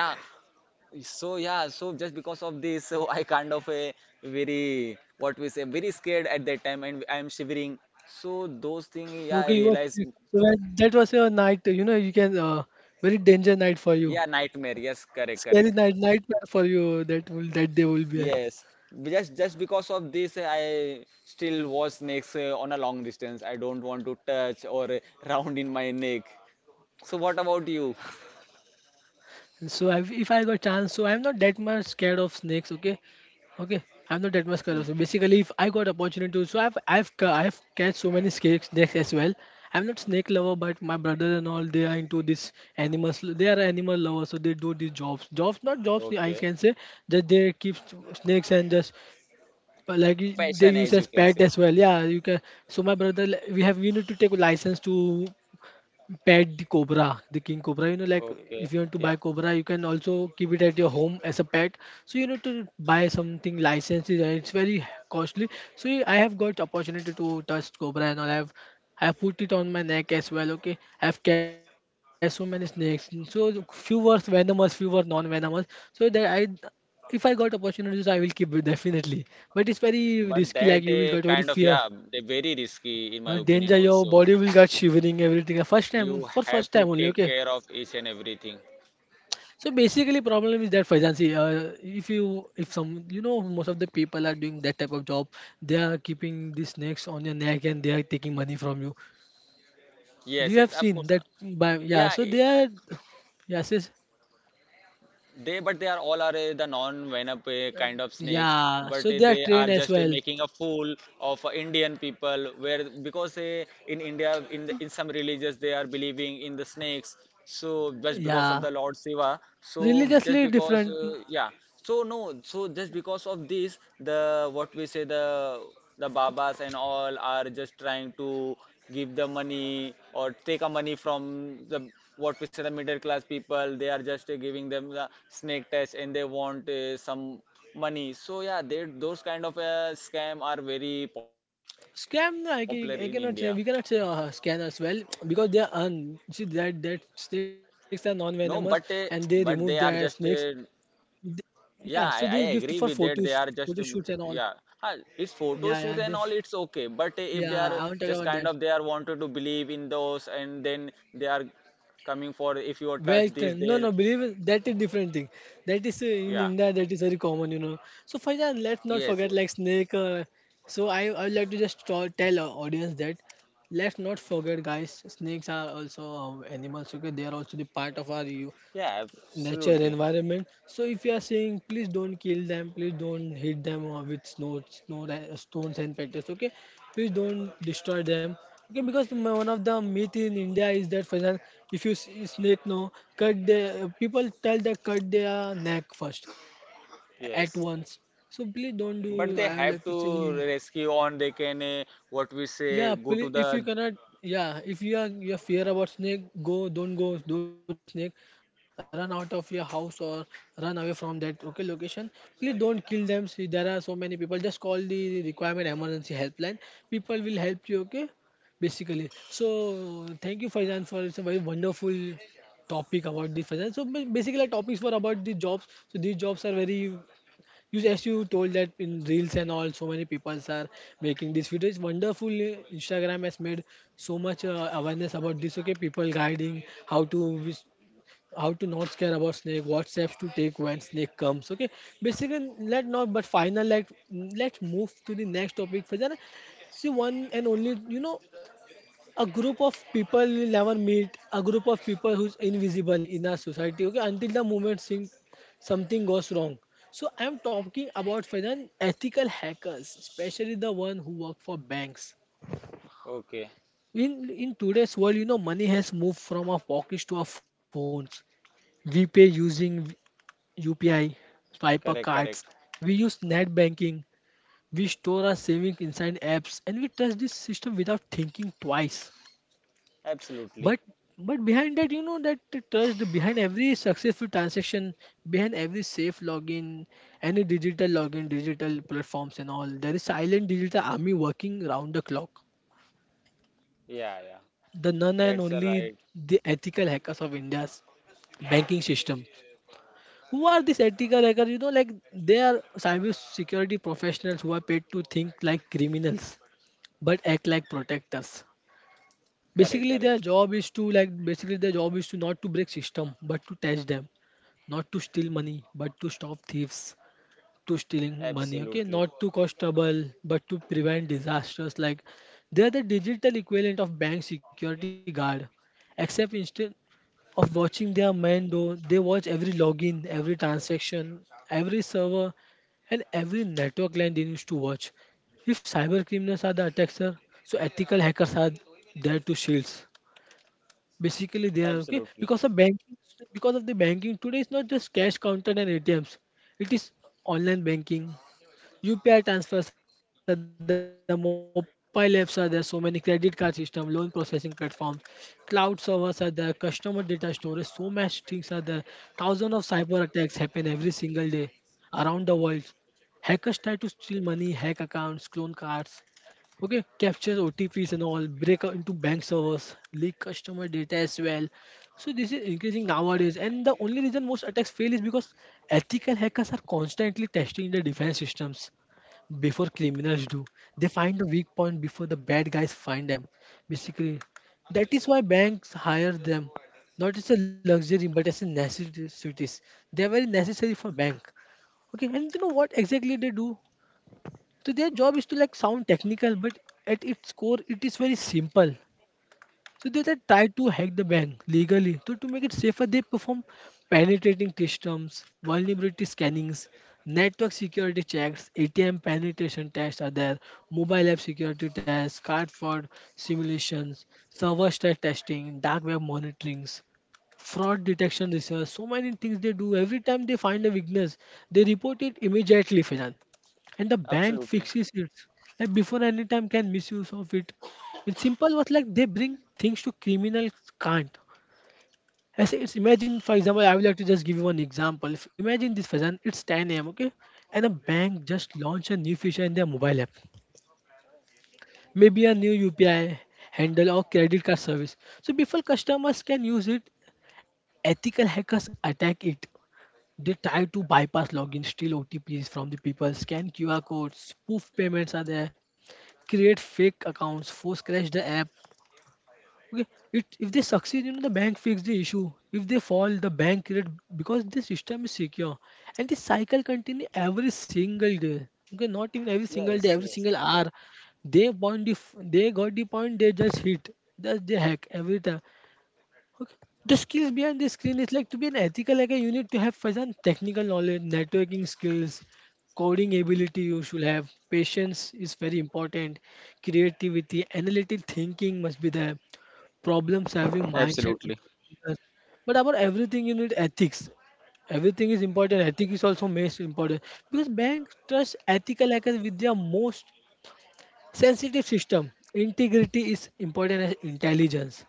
[SPEAKER 1] So yeah, so just because of this, so I kind of a very what we say very scared at that time, and I am shivering. So those things, yeah, I
[SPEAKER 2] Okay, you was
[SPEAKER 1] realized,
[SPEAKER 2] so that that was your night. You know, you can very danger night for
[SPEAKER 1] yeah,
[SPEAKER 2] you.
[SPEAKER 1] nightmare. Yes, correct, correct.
[SPEAKER 2] Scary night nightmare for you. That will that day will be.
[SPEAKER 1] Yes, just because of this, I still watch snakes on a long distance. I don't want to touch or [laughs] round in my neck. So what about you?
[SPEAKER 2] So I if I got chance, so I'm not that much scared of snakes. Okay, okay, I'm not that much
[SPEAKER 1] Hmm.
[SPEAKER 2] scared of. So basically, if I got opportunity to, so I've catch so many snakes as well. I'm not snake lover, but my brother and all they are into this animals. They are animal lovers, so they do these jobs. Jobs, not jobs. I
[SPEAKER 1] Okay,
[SPEAKER 2] can say that they keep snakes and just but like
[SPEAKER 1] fashion
[SPEAKER 2] they
[SPEAKER 1] as
[SPEAKER 2] use
[SPEAKER 1] you
[SPEAKER 2] as
[SPEAKER 1] can say.
[SPEAKER 2] pet as well, yeah, you can. So my brother we have we need to take a license to pet the cobra, the king cobra. You know, like
[SPEAKER 1] Okay,
[SPEAKER 2] if you want to
[SPEAKER 1] yeah.
[SPEAKER 2] buy cobra, you can also keep it at your home as a pet. So you need to buy something licenses and it's very costly. So I have got opportunity to touch cobra and all. I have put it on my neck as well. Okay, I have cast so many snakes. So few were venomous, few were non-venomous. So that I if I got opportunities, I will keep it definitely. But it's very risky.
[SPEAKER 1] But
[SPEAKER 2] Like
[SPEAKER 1] that
[SPEAKER 2] you will get very
[SPEAKER 1] kind of
[SPEAKER 2] fear.
[SPEAKER 1] yeah, they very risky in my
[SPEAKER 2] But
[SPEAKER 1] opinion
[SPEAKER 2] danger, your
[SPEAKER 1] also.
[SPEAKER 2] body will get shivering, everything. First time,
[SPEAKER 1] You
[SPEAKER 2] for
[SPEAKER 1] have
[SPEAKER 2] first
[SPEAKER 1] to
[SPEAKER 2] time only,
[SPEAKER 1] take
[SPEAKER 2] okay.
[SPEAKER 1] care of each and everything.
[SPEAKER 2] So basically, problem is that Faizan, see, if you, if some, most of the people are doing that type of job. They are keeping these snakes on your neck and they are taking money from you.
[SPEAKER 1] Yes,
[SPEAKER 2] You
[SPEAKER 1] yes,
[SPEAKER 2] have
[SPEAKER 1] of
[SPEAKER 2] seen
[SPEAKER 1] course.
[SPEAKER 2] that, by
[SPEAKER 1] Yeah,
[SPEAKER 2] yeah. So they are, yes, yes,
[SPEAKER 1] they, but they are all are the non-venom kind of snakes, but
[SPEAKER 2] yeah.
[SPEAKER 1] they
[SPEAKER 2] So
[SPEAKER 1] are
[SPEAKER 2] they are
[SPEAKER 1] just
[SPEAKER 2] trained as
[SPEAKER 1] making a
[SPEAKER 2] well.
[SPEAKER 1] fool of Indian people. Where because in India, in in some religions, they are believing in the snakes. So just because of the
[SPEAKER 2] Yeah,
[SPEAKER 1] Lord Shiva, so just
[SPEAKER 2] religiously
[SPEAKER 1] because,
[SPEAKER 2] different.
[SPEAKER 1] yeah. So no, so just because of this, the what we say the babas and all are just trying to give the money or take a money from the what we say the middle class people, they are just giving them the snake test and they want some money. So yeah they those kind of scam are very popular in India.
[SPEAKER 2] Scam, no, I, can, I cannot say we cannot say scan as well because they are un. See that snakes are
[SPEAKER 1] No,
[SPEAKER 2] non-venomous
[SPEAKER 1] but uh,
[SPEAKER 2] and they
[SPEAKER 1] but they
[SPEAKER 2] remove
[SPEAKER 1] are
[SPEAKER 2] their
[SPEAKER 1] just
[SPEAKER 2] snakes. Th-
[SPEAKER 1] yeah,
[SPEAKER 2] yeah,
[SPEAKER 1] I,
[SPEAKER 2] so
[SPEAKER 1] I
[SPEAKER 2] they give to
[SPEAKER 1] agree
[SPEAKER 2] for
[SPEAKER 1] with that. They
[SPEAKER 2] photos,
[SPEAKER 1] are just,
[SPEAKER 2] photo shoots and all.
[SPEAKER 1] yeah, it's photo
[SPEAKER 2] Yeah,
[SPEAKER 1] shoot
[SPEAKER 2] yeah,
[SPEAKER 1] and all,
[SPEAKER 2] they,
[SPEAKER 1] it's okay. But if they
[SPEAKER 2] yeah.
[SPEAKER 1] are
[SPEAKER 2] I won't talk
[SPEAKER 1] just
[SPEAKER 2] about
[SPEAKER 1] kind
[SPEAKER 2] that.
[SPEAKER 1] of they are wanted to believe in those, and then they are coming for if you touch
[SPEAKER 2] Well
[SPEAKER 1] this,
[SPEAKER 2] trained.
[SPEAKER 1] they,
[SPEAKER 2] No, no, believe it, that is different thing. That is
[SPEAKER 1] yeah,
[SPEAKER 2] in India that is very common, you know. So Faizan,
[SPEAKER 1] yes,
[SPEAKER 2] let's
[SPEAKER 1] yes,
[SPEAKER 2] not forget like snake. So I would like to just tell our audience that let's not forget, guys. Snakes are also animals. Okay, they are also the part of our you
[SPEAKER 1] yeah, absolutely,
[SPEAKER 2] nature environment. So if you are saying, please don't kill them, please don't hit them with stones and petals. Okay, please don't destroy them. Okay, because one of the myth in India is that, for example, if you see snake, no, cut, the people tell the cut their neck first
[SPEAKER 1] yes.
[SPEAKER 2] at once. So please don't
[SPEAKER 1] But they
[SPEAKER 2] do, I would
[SPEAKER 1] have
[SPEAKER 2] like to say.
[SPEAKER 1] to rescue on. They can, what we say,
[SPEAKER 2] Yeah,
[SPEAKER 1] go to
[SPEAKER 2] if
[SPEAKER 1] the.
[SPEAKER 2] you cannot, yeah, if you are fear about snake, go, don't chase the snake. Run out of your house or run away from that okay location. Please don't kill them. See, there are so many people. Just call the requirement emergency helpline. People will help you. Okay, basically. So thank you, Faizan, for it's a very wonderful topic about the Faizan. So basically, our topics were about the jobs. So these jobs are very you as you told that in reels and all, so many people are making this video. It's wonderful. Eh, Instagram has made so much awareness about this. Okay, people guiding how to how to not scare about snake, what steps to take when snake comes. Okay, basically let not but final like let's move to the next topic. Fazana. See one and only, you know, a group of people will never meet a group of people who's invisible in our society. Okay, until the moment something goes wrong. So I'm talking about Faizan, ethical hackers, especially the one who work for banks.
[SPEAKER 1] Okay,
[SPEAKER 2] In today's world, you know, money has moved from our pockets to our phones. We pay using UPI, swiper
[SPEAKER 1] correct,
[SPEAKER 2] cards,
[SPEAKER 1] correct,
[SPEAKER 2] we use net banking, we store our savings inside apps, and we trust this system without thinking twice.
[SPEAKER 1] absolutely,
[SPEAKER 2] But but behind that, you know that the trust behind every successful transaction, behind every safe login, any digital login, digital platforms and all, there is silent digital army working round the clock.
[SPEAKER 1] yeah, yeah.
[SPEAKER 2] The none
[SPEAKER 1] That's
[SPEAKER 2] and
[SPEAKER 1] a right,
[SPEAKER 2] only the ethical hackers of India's banking system. Who are these ethical hackers? You know, like they are cyber security professionals who are paid to think like criminals but act like protectors.
[SPEAKER 1] correct,
[SPEAKER 2] Basically,
[SPEAKER 1] correct,
[SPEAKER 2] their job is to like basically their job is to not to break system, but to test them, not to steal money, but to stop thieves to stealing money. Okay,
[SPEAKER 1] absolutely,
[SPEAKER 2] not to cause trouble, but to prevent disasters. Like they are the digital equivalent of bank security guard, except instead of watching their men though, they watch every login, every transaction, every server, and every network line they used to watch. If cyber criminals are the attackers, so ethical hackers are there to shields. Basically, they are okay
[SPEAKER 1] absolutely.
[SPEAKER 2] because of banking. Because of the banking today, it's not just cash counter and ATMs. It is online banking, UPI transfers are there, mobile apps are there, so many credit card system, loan processing platforms, cloud servers are there, customer data storage, so much things are there. Thousands of cyber attacks happen every single day around the world. Hackers try to steal money, hack accounts, clone cards, okay, captures OTPs and all, break out into bank servers, leak customer data as well. So this is increasing nowadays, and the only reason most attacks fail is because ethical hackers are constantly testing the defense systems before criminals do. Find the weak point before the bad guys find them. Basically, that is why banks hire them, not as a luxury but as a necessity. They are very necessary for bank. Okay, and you know what exactly they do? So their job is to like sound technical, but at its core, it is very simple. So they just try to hack the bank legally. So to make it safer, they perform penetrating systems, vulnerability scannings, network security checks, ATM penetration tests are there, mobile app security tests, card fraud simulations, server stress testing, dark web monitorings, fraud detection research. So many things they do. Every time they find a weakness, they report it immediately, Faizan, and the bank
[SPEAKER 1] Absolutely.
[SPEAKER 2] fixes it like before any time can misuse of it. In simple words, like they bring things to criminals can't. As it's imagine, for example, I would like to just give you one example. If, imagine this person, it's 10 a.m., okay, and a bank just launched a new feature in their mobile app, maybe a new UPI handle or credit card service. So before customers can use it, ethical hackers attack it. They try to bypass login, steal OTPs from the people, scan QR codes, spoof payments are there, create fake accounts, force crash the app. Okay, it, if they succeed, you know the bank fix the issue. If they fall, the bank create because the system is secure, and this cycle continue every single day. Okay, not even every single day,
[SPEAKER 1] Yes,
[SPEAKER 2] every
[SPEAKER 1] yes.
[SPEAKER 2] single hour. They point they got the point. They just hit. That's the hack every time. Okay. The skills behind the screen is like to be an ethical hacker, you need to have first and technical knowledge, networking skills, coding ability you should have, patience is very important, creativity, analytic thinking must be there, problem solving mindset.
[SPEAKER 1] Absolutely.
[SPEAKER 2] One of the biggest. But about everything, you need ethics. Everything is important. Ethics is also most important because banks trust ethical hackers with their most sensitive system. Integrity is important as intelligence.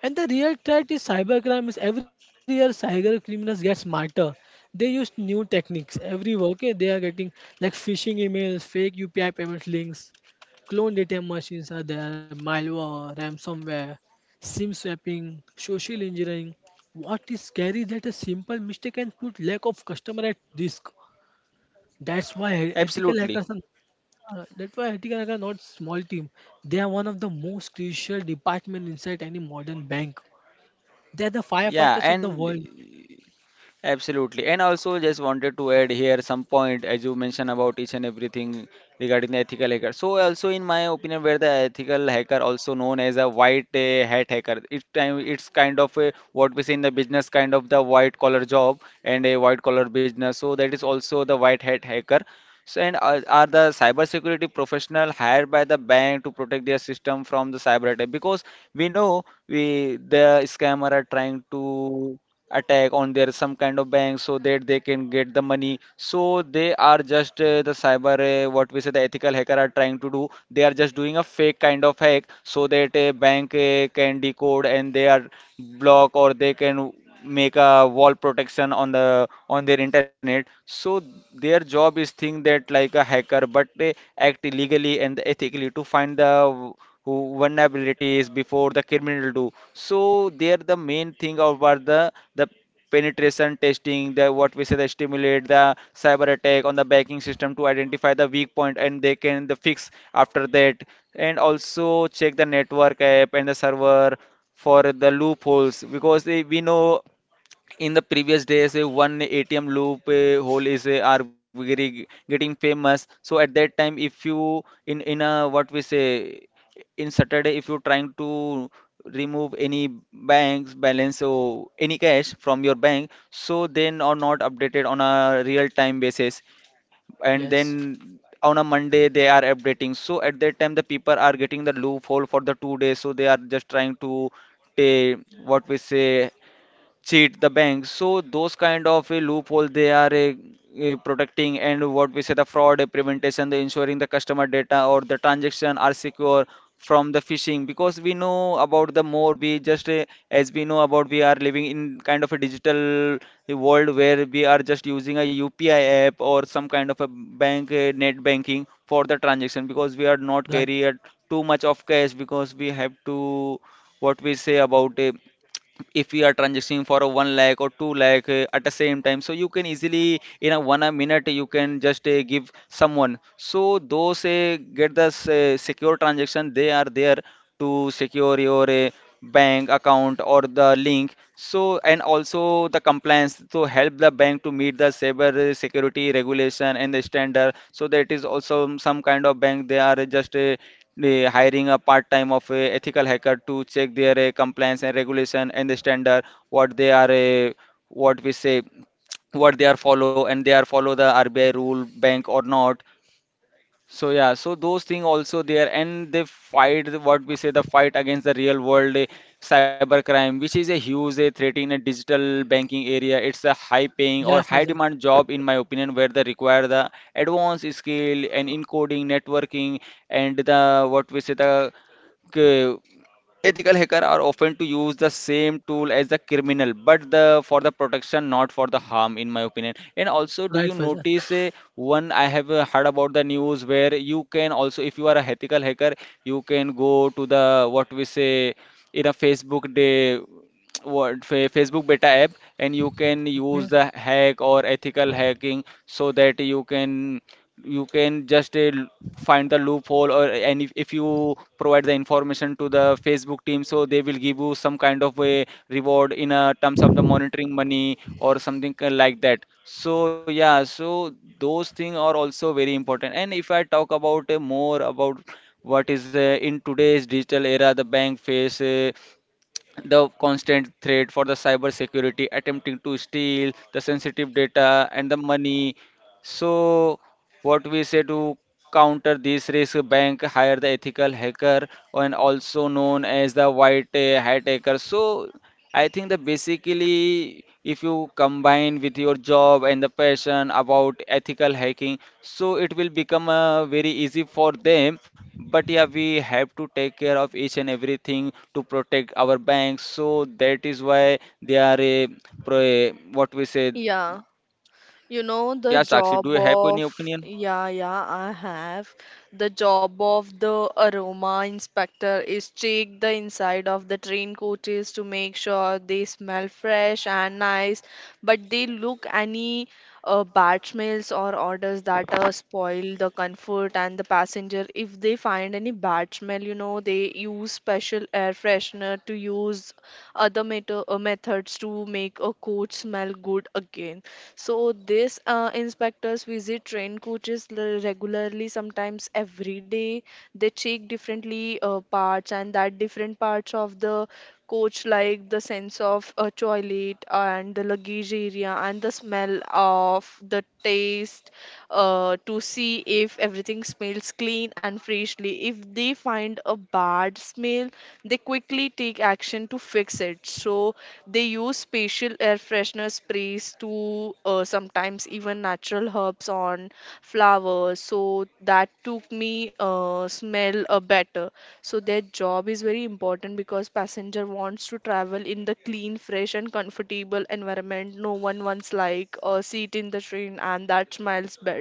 [SPEAKER 2] And the real threat is cybercrime is every year cyber criminals get smarter. They use new techniques every okay they are getting like phishing emails, fake UPI payment links, clone data machines are there, malware, ransomware, SIM swapping, social engineering. What is scary that a simple mistake can put lack of customer at risk. That's why ethical
[SPEAKER 1] Absolutely.
[SPEAKER 2] hackers are that's why I think like are not small team. They are one of the most crucial department inside any modern bank. They are the
[SPEAKER 1] Yeah,
[SPEAKER 2] firefighters of the
[SPEAKER 1] and
[SPEAKER 2] world.
[SPEAKER 1] absolutely. And also just wanted to add here some point as you mentioned about each and everything regarding the ethical hacker. So also in my opinion where the ethical hacker also known as a white hat hacker. It's time, it's kind of a, what we say in the business kind of the white collar job and a white collar business. So that is also the white hat hacker. So and are the cybersecurity professional hired by the bank to protect their system from the cyber attack? Because we know we the scammer are trying to attack on their some kind of bank so that they can get the money. So they are just the cyber what we say the ethical hacker are trying to do, they are just doing a fake kind of hack so that a bank can decode and they are block or they can make a wall protection on the on their internet. So their job is think that like a hacker, but they act illegally and ethically to find the who vulnerability is before the criminal do. So there the main thing about the penetration testing, the what we say the stimulate the cyber attack on the banking system to identify the weak point and they can the fix after that, and also check the network app and the server for the loopholes because they, we know in the previous days one ATM loop hole is are very getting famous. So at that time, if you in a what we say in Saturday, if you're trying to remove any bank's balance or any cash from your bank, so then are not updated on a real time basis, and
[SPEAKER 2] Yes,
[SPEAKER 1] then on a Monday they are updating. So at that time the people are getting the loophole for the two days, so they are just trying to take what we say cheat the bank. So those kind of a loophole they are protecting, and what we say the fraud eh, prevention, the ensuring the customer data or the transaction are secure from the phishing. Because we know about the more we just as we know about, we are living in kind of a digital eh, world where we are just using a UPI app or some kind of a bank eh, net banking for the transaction because we are not
[SPEAKER 2] right.
[SPEAKER 1] carry eh, too much of cash. Because we have to what we say about a, if we are transacting for a 1 lakh or 2 lakh at the same time, so you can easily in a one a minute you can just give someone. So those get the secure transaction they are there to secure your bank account or the link. So and also the compliance to help the bank to meet the cyber security regulation and the standard, so that is also some kind of bank they are just the hiring a part-time of a ethical hacker to check their compliance and regulation and the standard, what they are what we say what they are follow, and they are follow the RBI rule bank or not. So yeah, so those things also there, and they fight what we say the fight against the real world eh, cybercrime, which is a huge eh, threat in a digital banking area. It's a
[SPEAKER 2] Yeah,
[SPEAKER 1] high-paying or
[SPEAKER 2] Faizan.
[SPEAKER 1] high-demand job, in my opinion, where they require the advanced skill and encoding, networking, and the what we say the ethical hacker are often to use the same tool as the criminal, but the for the protection, not for the harm, in my opinion. And also, do you
[SPEAKER 2] Right, Faizan.
[SPEAKER 1] notice one, I have heard about the news where you can also, if you are a ethical hacker, you can go to the what we say in a Facebook day what Facebook beta app, and you can
[SPEAKER 2] Okay.
[SPEAKER 1] use the hack or ethical hacking so that you can, you can just find the loophole or, and if you provide the information to the Facebook team, so they will give you some kind of a reward in terms of the monitoring money or something like that. So yeah, so those things are also very important. And if I talk about more about what is in today's digital era, the bank face the constant threat for the cyber security attempting to steal the sensitive data and the money. So what we say to counter this risk, bank hire the ethical hacker, and also known as the white hat hacker. So I think that basically, if you combine with your job and the passion about ethical hacking, so it will become very easy for them. But yeah, we have to take care of each and everything to protect our banks. So that is why they are a, what we say.
[SPEAKER 3] Yeah, you know the
[SPEAKER 1] Yeah, Sakshi, do
[SPEAKER 3] job
[SPEAKER 1] you have
[SPEAKER 3] of,
[SPEAKER 1] any opinion?
[SPEAKER 3] yeah, yeah, I have. The job of the aroma inspector is check the inside of the train coaches to make sure they smell fresh and nice, but they look any bad smells or odors that spoil the comfort and the passenger. If they find any bad smell, you know, they use special air freshener to use methods to make a coach smell good again. So this inspectors visit train coaches regularly, sometimes every day. They check differently parts and that different parts of the coach like the sense of a toilet and the luggage area and the smell of the taste to see if everything smells clean and freshly. If they find a bad smell, they quickly take action to fix it. So they use special air freshener sprays to sometimes even natural herbs on flowers. So that took me smell better. So their job is very important because passenger wants to travel in the clean, fresh and comfortable environment. No one wants like a seat in the train and that smells bad.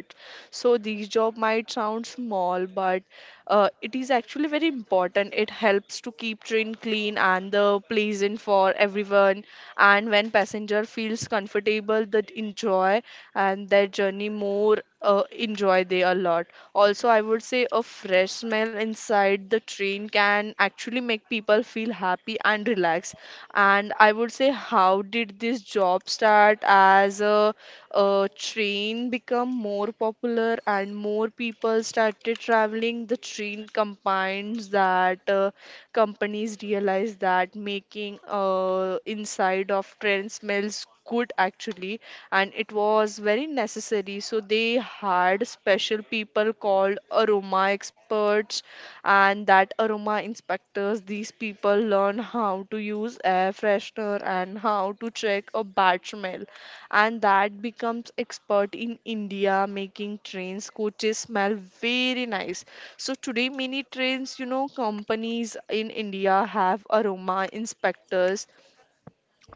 [SPEAKER 3] So these job might sound small, but it is actually very important, it helps to keep train clean and the pleasant for everyone, and when passenger feels comfortable, that enjoy, and their journey more enjoy they a lot. Also, I would say a fresh smell inside the train can actually make people feel happy and relaxed. And I would say how did this job start? As a train become more popular and more people started traveling the train, combines that companies realize that making inside of train smells good actually, and it was very necessary, so they hired special people called aroma experts and that aroma inspectors. These people learn how to use air freshener and how to check a bad smell, and that becomes expert in India, making trains, coaches smell very nice. So today, many trains, you know, companies in India have aroma inspectors.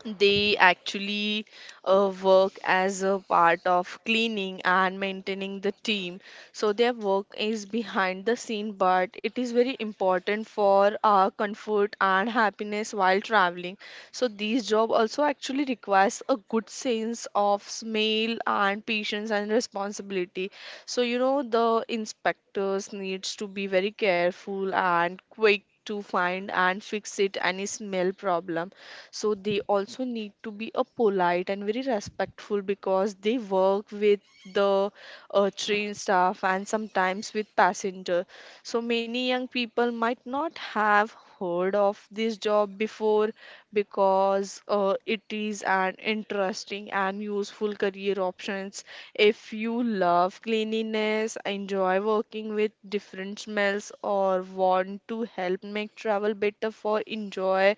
[SPEAKER 3] They actually work as a part of cleaning and maintaining the team. So their work is behind the scene, but it is very important for our comfort and happiness while traveling. So these job also actually requires a good sense of smell and patience and responsibility. So you know the inspectors needs to be very careful and quick to find and fix it any smell problem. So they also need to be a polite and very respectful because they work with the train staff and sometimes with passenger. So many young people might not have heard of this job before, because it is an interesting and useful career options. If you love cleanliness, enjoy working with different smells or want to help make travel better for enjoy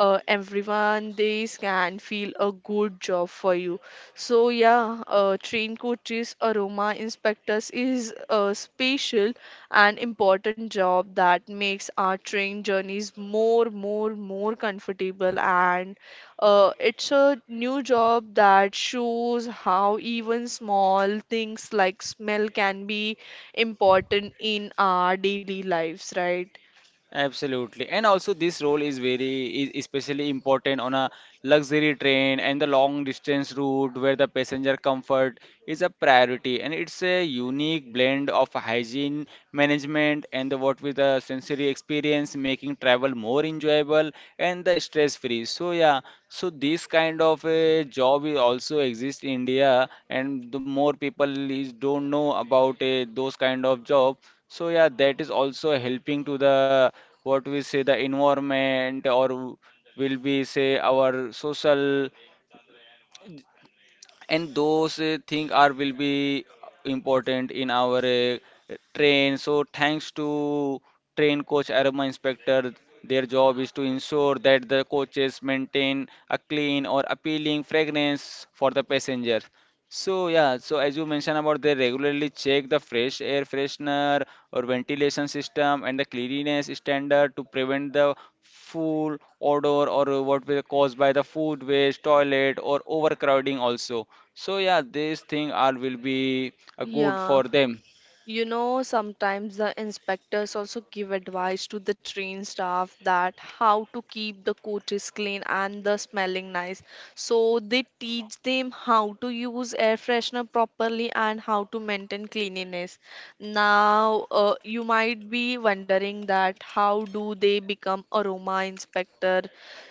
[SPEAKER 3] everyone, this can feel a good job for you. So yeah, train coaches aroma inspectors is a special and important job that makes our train journeys more, more, more comfortable, and it's a new job that shows how even small things like smell can be important in our daily lives, right?
[SPEAKER 1] Absolutely. And also this role is very is especially important on a luxury train and the long distance route where the passenger comfort is a priority. And it's a unique blend of hygiene management and the what with the sensory experience making travel more enjoyable and the stress free. So yeah, so this kind of a job is also exist in India, and the more people is don't know about a, those kind of job. So yeah, that is also helping to the what we say the environment or will be say our social, and those thing are will be important in our train. So thanks to train coach aroma inspector, their job is to ensure that the coaches maintain a clean or appealing fragrance for the passenger. So yeah, so as you mentioned about, they regularly check the fresh air freshener or ventilation system and the cleanliness standard to prevent the foul odor or what will caused by the food waste, toilet or overcrowding also. So yeah, these things are will be good
[SPEAKER 3] Yeah.
[SPEAKER 1] for them.
[SPEAKER 3] You know, sometimes the inspectors also give advice to the train staff that how to keep the coaches clean and the smelling nice. So they teach them how to use air freshener properly and how to maintain cleanliness. Now, you might be wondering that how do they become aroma inspector?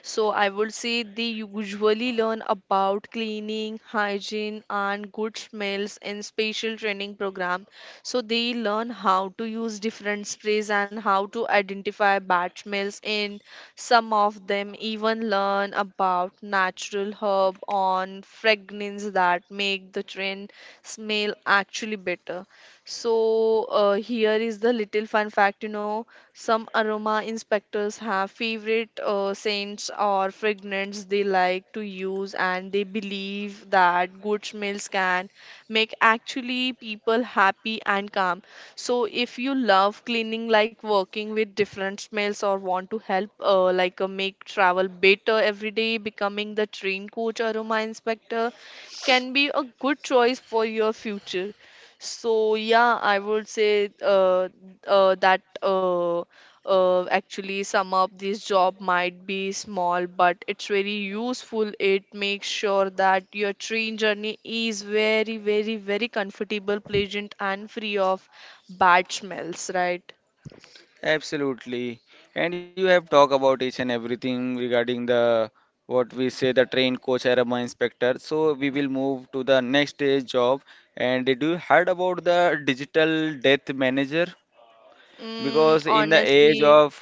[SPEAKER 3] So I would say they usually learn about cleaning, hygiene, and good smells in special training program. So they learn how to use different sprays and how to identify bat males in. Some of them even learn about natural herb on fragrance that make the train smell actually better. So here is the little fun fact, you know, some aroma inspectors have favorite scents or fragrance they like to use, and they believe that good smells can make actually people happy and calm. So if you love cleaning, like working with different smells or want to help, make travel better every day, becoming the train coach or Aroma Inspector can be a good choice for your future. So yeah, I would say that. Actually sum up this job might be small, but it's very useful, it makes sure that your train journey is very, very, very comfortable, pleasant and free of bad smells, right?
[SPEAKER 1] Absolutely. And you have talked about each and everything regarding the what we say the trained coach arama inspector. So we will move to the next day's job. And did you heard about the digital death manager?
[SPEAKER 3] Mm,
[SPEAKER 1] Because in the age
[SPEAKER 3] honestly,
[SPEAKER 1] of,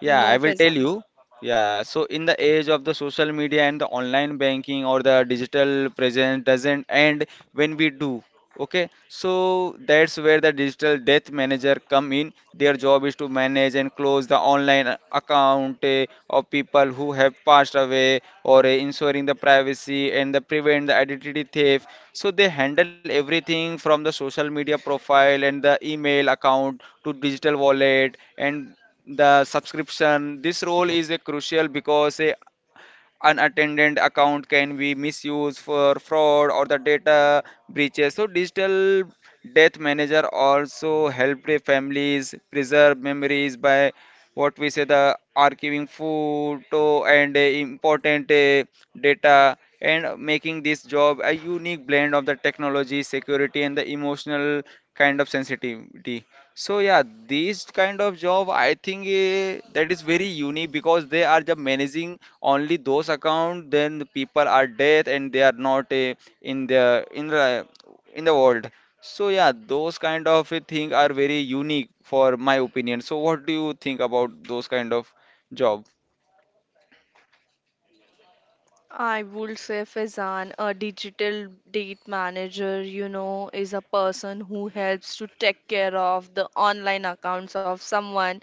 [SPEAKER 1] yeah, I will tell
[SPEAKER 3] Faizan.
[SPEAKER 1] you. Yeah, so in the age of the social media and the online banking or the digital presence doesn't end when we do. Okay, so that's where the digital debt manager come in. Their job is to manage and close the online account eh, of people who have passed away or eh, ensuring the privacy and the prevent the identity theft. So they handle everything from the social media profile and the email account to digital wallet and the subscription. This role is a crucial because a unattended account can be misused for fraud or the data breaches. So digital death manager also help the families preserve memories by what we say the archiving photo and important data, and making this job a unique blend of the technology security and the emotional kind of sensitivity. So yeah, this kind of job I think eh, that is very unique because they are just managing only those account. Then the people are dead and they are not eh, in the in the in the world. So yeah, those kind of eh, thing are very unique for my opinion. So what do you think about those kind of job?
[SPEAKER 3] I would say, Faizan, a digital date manager, you know, is a person who helps to take care of the online accounts of someone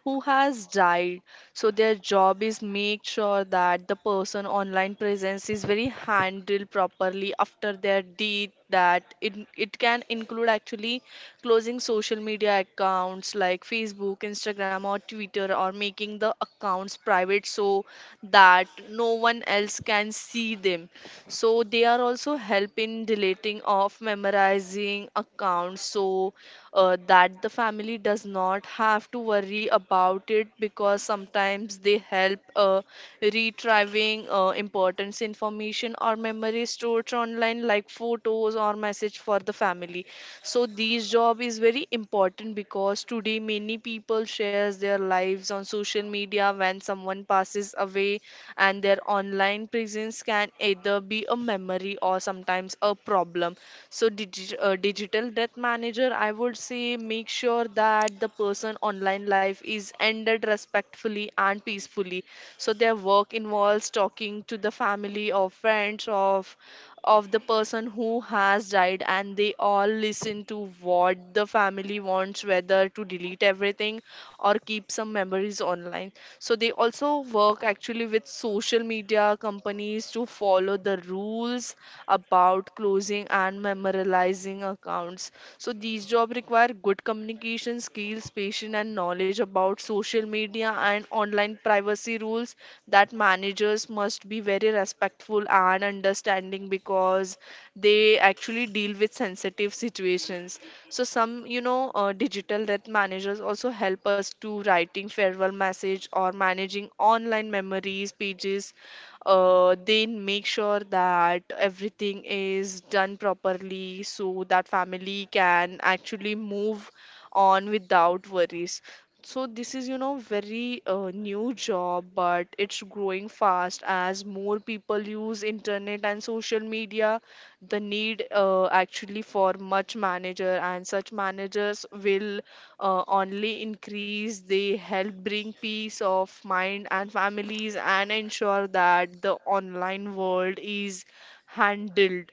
[SPEAKER 3] who has died. So their job is make sure that the person online presence is very handled properly after their death. That it can include actually closing social media accounts like Facebook, Instagram, or Twitter, or making the accounts private so that no one else can see them. So they are also help in deleting of memorizing accounts so that the family does not have to worry about it, because sometimes they help retrieving importance information or memory stored online like photos or message for the family. So these job is very important because today many people shares their lives on social media. When someone passes away, and their online presence can either be a memory or sometimes a problem, so digital death manager, I would say, make sure that the person online life is ended respectfully and peacefully. So their work involves talking to the family or friends of the person who has died, and they all listen to what the family wants, whether to delete everything or keep some memories online. So they also work actually with social media companies to follow the rules about closing and memorializing accounts. So these jobs require good communication skills, patience, and knowledge about social media and online privacy rules. That managers must be very respectful and understanding, because they actually deal with sensitive situations. So some, digital debt managers also help us to writing farewell message or managing online memories pages. They make sure that everything is done properly so that family can actually move on without worries. So this is, very new job, but it's growing fast as more people use internet and social media. The need actually for much manager and such managers will only increase. They help bring peace of mind and families and ensure that the online world is handled,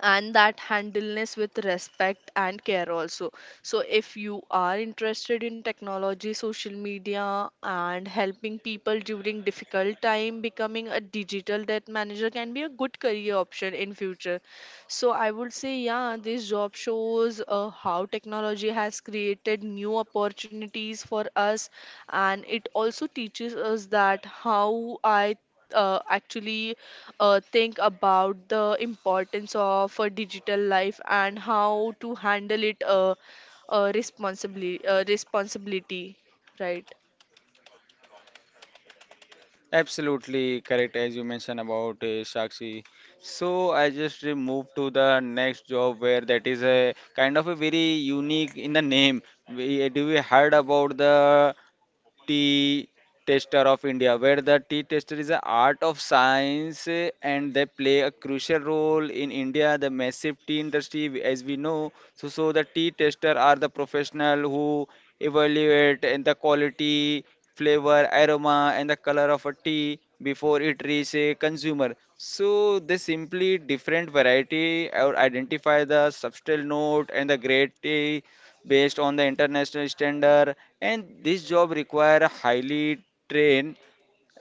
[SPEAKER 3] and that handleness with respect and care also. So if you are interested in technology, social media, and helping people during difficult time, becoming a digital debt manager can be a good career option in future. So I would say, yeah, this job shows how technology has created new opportunities for us, and it also teaches us that how I actually think about the importance of a digital life and how to handle it responsibly responsibility, right?
[SPEAKER 1] Absolutely correct, as you mentioned about Sakshi. So I just moved to the next job where that is a kind of a very unique in the name. We, do we heard about the tea taster of India, where the tea taster is an art of science eh, and they play a crucial role in India, the massive tea industry, as we know. So the tea taster are the professional who evaluate and the quality, flavor, aroma, and the color of a tea before it reaches a consumer. So they simply different variety or identify the subtle note and the great tea based on the international standard, and this job require a highly trained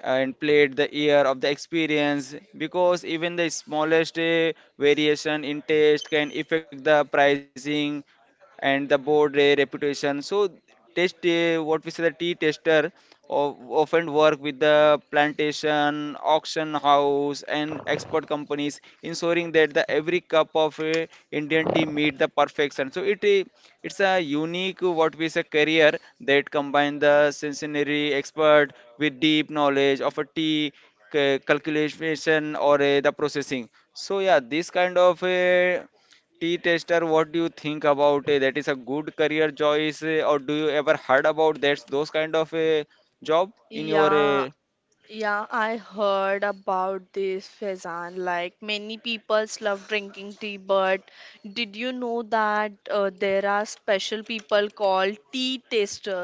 [SPEAKER 1] and played the ear of the experience because even the smallest variation in taste can affect the pricing and the board reputation. So test what we say the tea tester of, often work with the plantation auction house and export companies, ensuring that the every cup of Indian tea meet the perfection. So it it's a unique, what we say, career that combines the sensory expert with deep knowledge of a tea calculation or the processing. So yeah, this kind of a tea tester, what do you think about that? Is a good career choice, or do you ever heard about that those kind of a job in your
[SPEAKER 3] yeah Yeah, I heard about this, Faizan. Like many people love drinking tea, but did you know that there are special people called tea taster?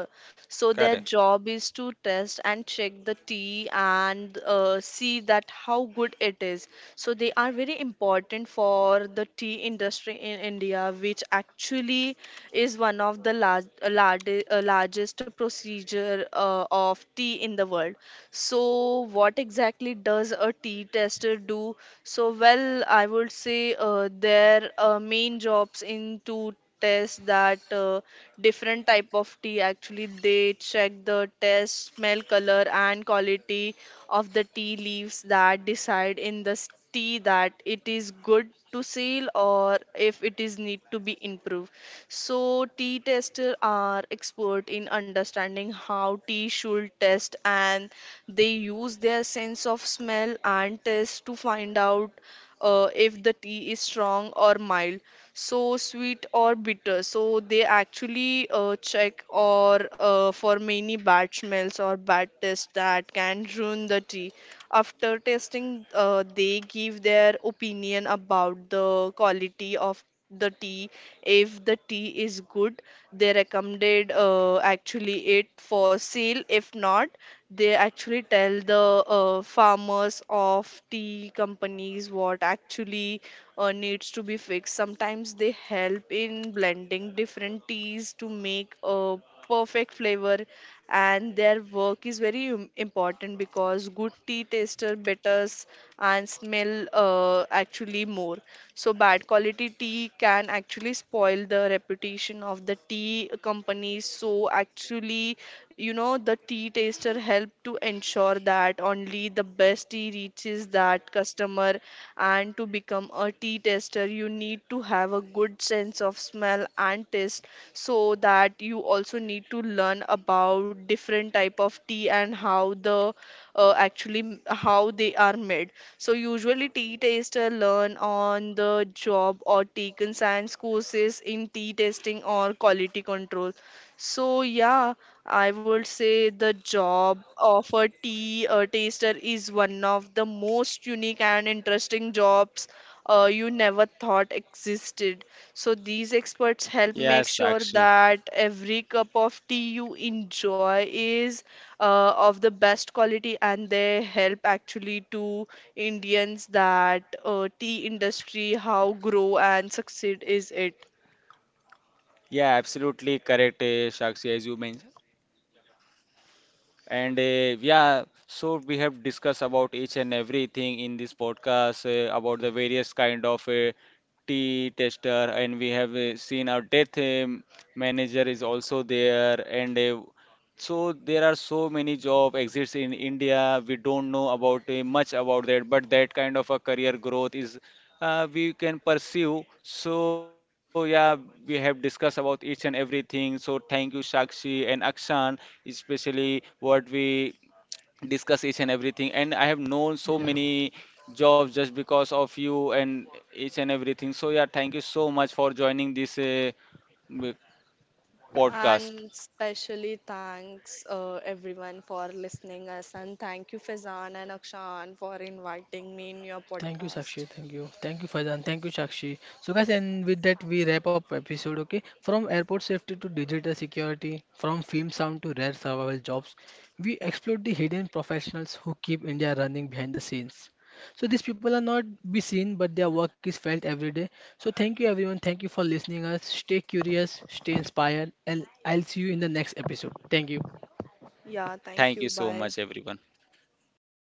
[SPEAKER 3] So their
[SPEAKER 1] career?
[SPEAKER 3] job is to test and check the tea and see that how good it is. So they are very important for the tea industry in India, which actually is one. So what exactly does a tea tester do? So, well, I would say their main jobs in to test that different type of tea. Actually, they check the taste, smell, color, and quality of the tea leaves that decide in the s- tea that it is good to sell or if it is need to be improved. So tea testers are expert in understanding how tea should taste, and they use their sense of smell and taste to find out if the tea is strong or mild, so sweet or bitter. So they actually check or for many bad smells or bad taste that can ruin the tea. After tasting, they give their opinion about the quality of the tea. If the tea is good, they recommended actually it for sale. If not, they actually tell the farmers of tea companies what actually needs to be fixed. Sometimes they help in blending different teas to make a perfect flavor. And their work is very im- important, because good tea taster betters and smell actually more. So bad quality tea can actually spoil the reputation of the tea company. So actually, you know, the tea taster help to ensure that only the best tea reaches that customer. And to become a tea taster, you need to have a good sense of smell and taste. So that you also need to learn about different type of tea and how the actually how they are made. So usually tea taster learn on the job or taken science courses in tea tasting or quality control. So yeah, I would say the job of a tea taster is one of the most unique and interesting jobs you never thought existed. So these experts help
[SPEAKER 1] Yes,
[SPEAKER 3] make sure
[SPEAKER 1] Sakshi.
[SPEAKER 3] that every cup of tea you enjoy is of the best quality, and they help actually to Indians that tea industry how grow and succeed is it.
[SPEAKER 1] Yeah, absolutely correct, eh, Sakshi, as you mentioned. And yeah, so we have discussed about each and everything in this podcast about the various kind of tea tester, and we have seen our death manager is also there, and so there are so many job exits in India. We don't know about much about that, but that kind of a career growth is we can pursue. So yeah, we have discussed about each and everything. So thank you, Shakshi and Akshan, especially what we discuss each and everything. And I have known so
[SPEAKER 2] Yeah,
[SPEAKER 1] many jobs just because of you, and each and everything. So yeah, thank you so much for joining this m- podcast.
[SPEAKER 3] And specially thanks everyone for listening us, and thank you, Fizan and Akshan, for inviting me in your
[SPEAKER 2] thank you,
[SPEAKER 3] podcast.
[SPEAKER 2] Sakshi. Thank you. Thank you, Faizan. Thank you, Sakshi. So, guys, and with that, we wrap up episode. Okay, from airport safety to digital security, from film sound to rare survival jobs, we explored the hidden professionals who keep India running behind the scenes. So these people are not be seen, but their work is felt every day. So thank you, everyone. Thank you for listening us. Stay curious, stay inspired, and I'll see you in the next episode. Thank you.
[SPEAKER 3] Yeah, thank
[SPEAKER 1] Thank you
[SPEAKER 3] you.
[SPEAKER 1] so
[SPEAKER 3] Bye.
[SPEAKER 1] much, everyone.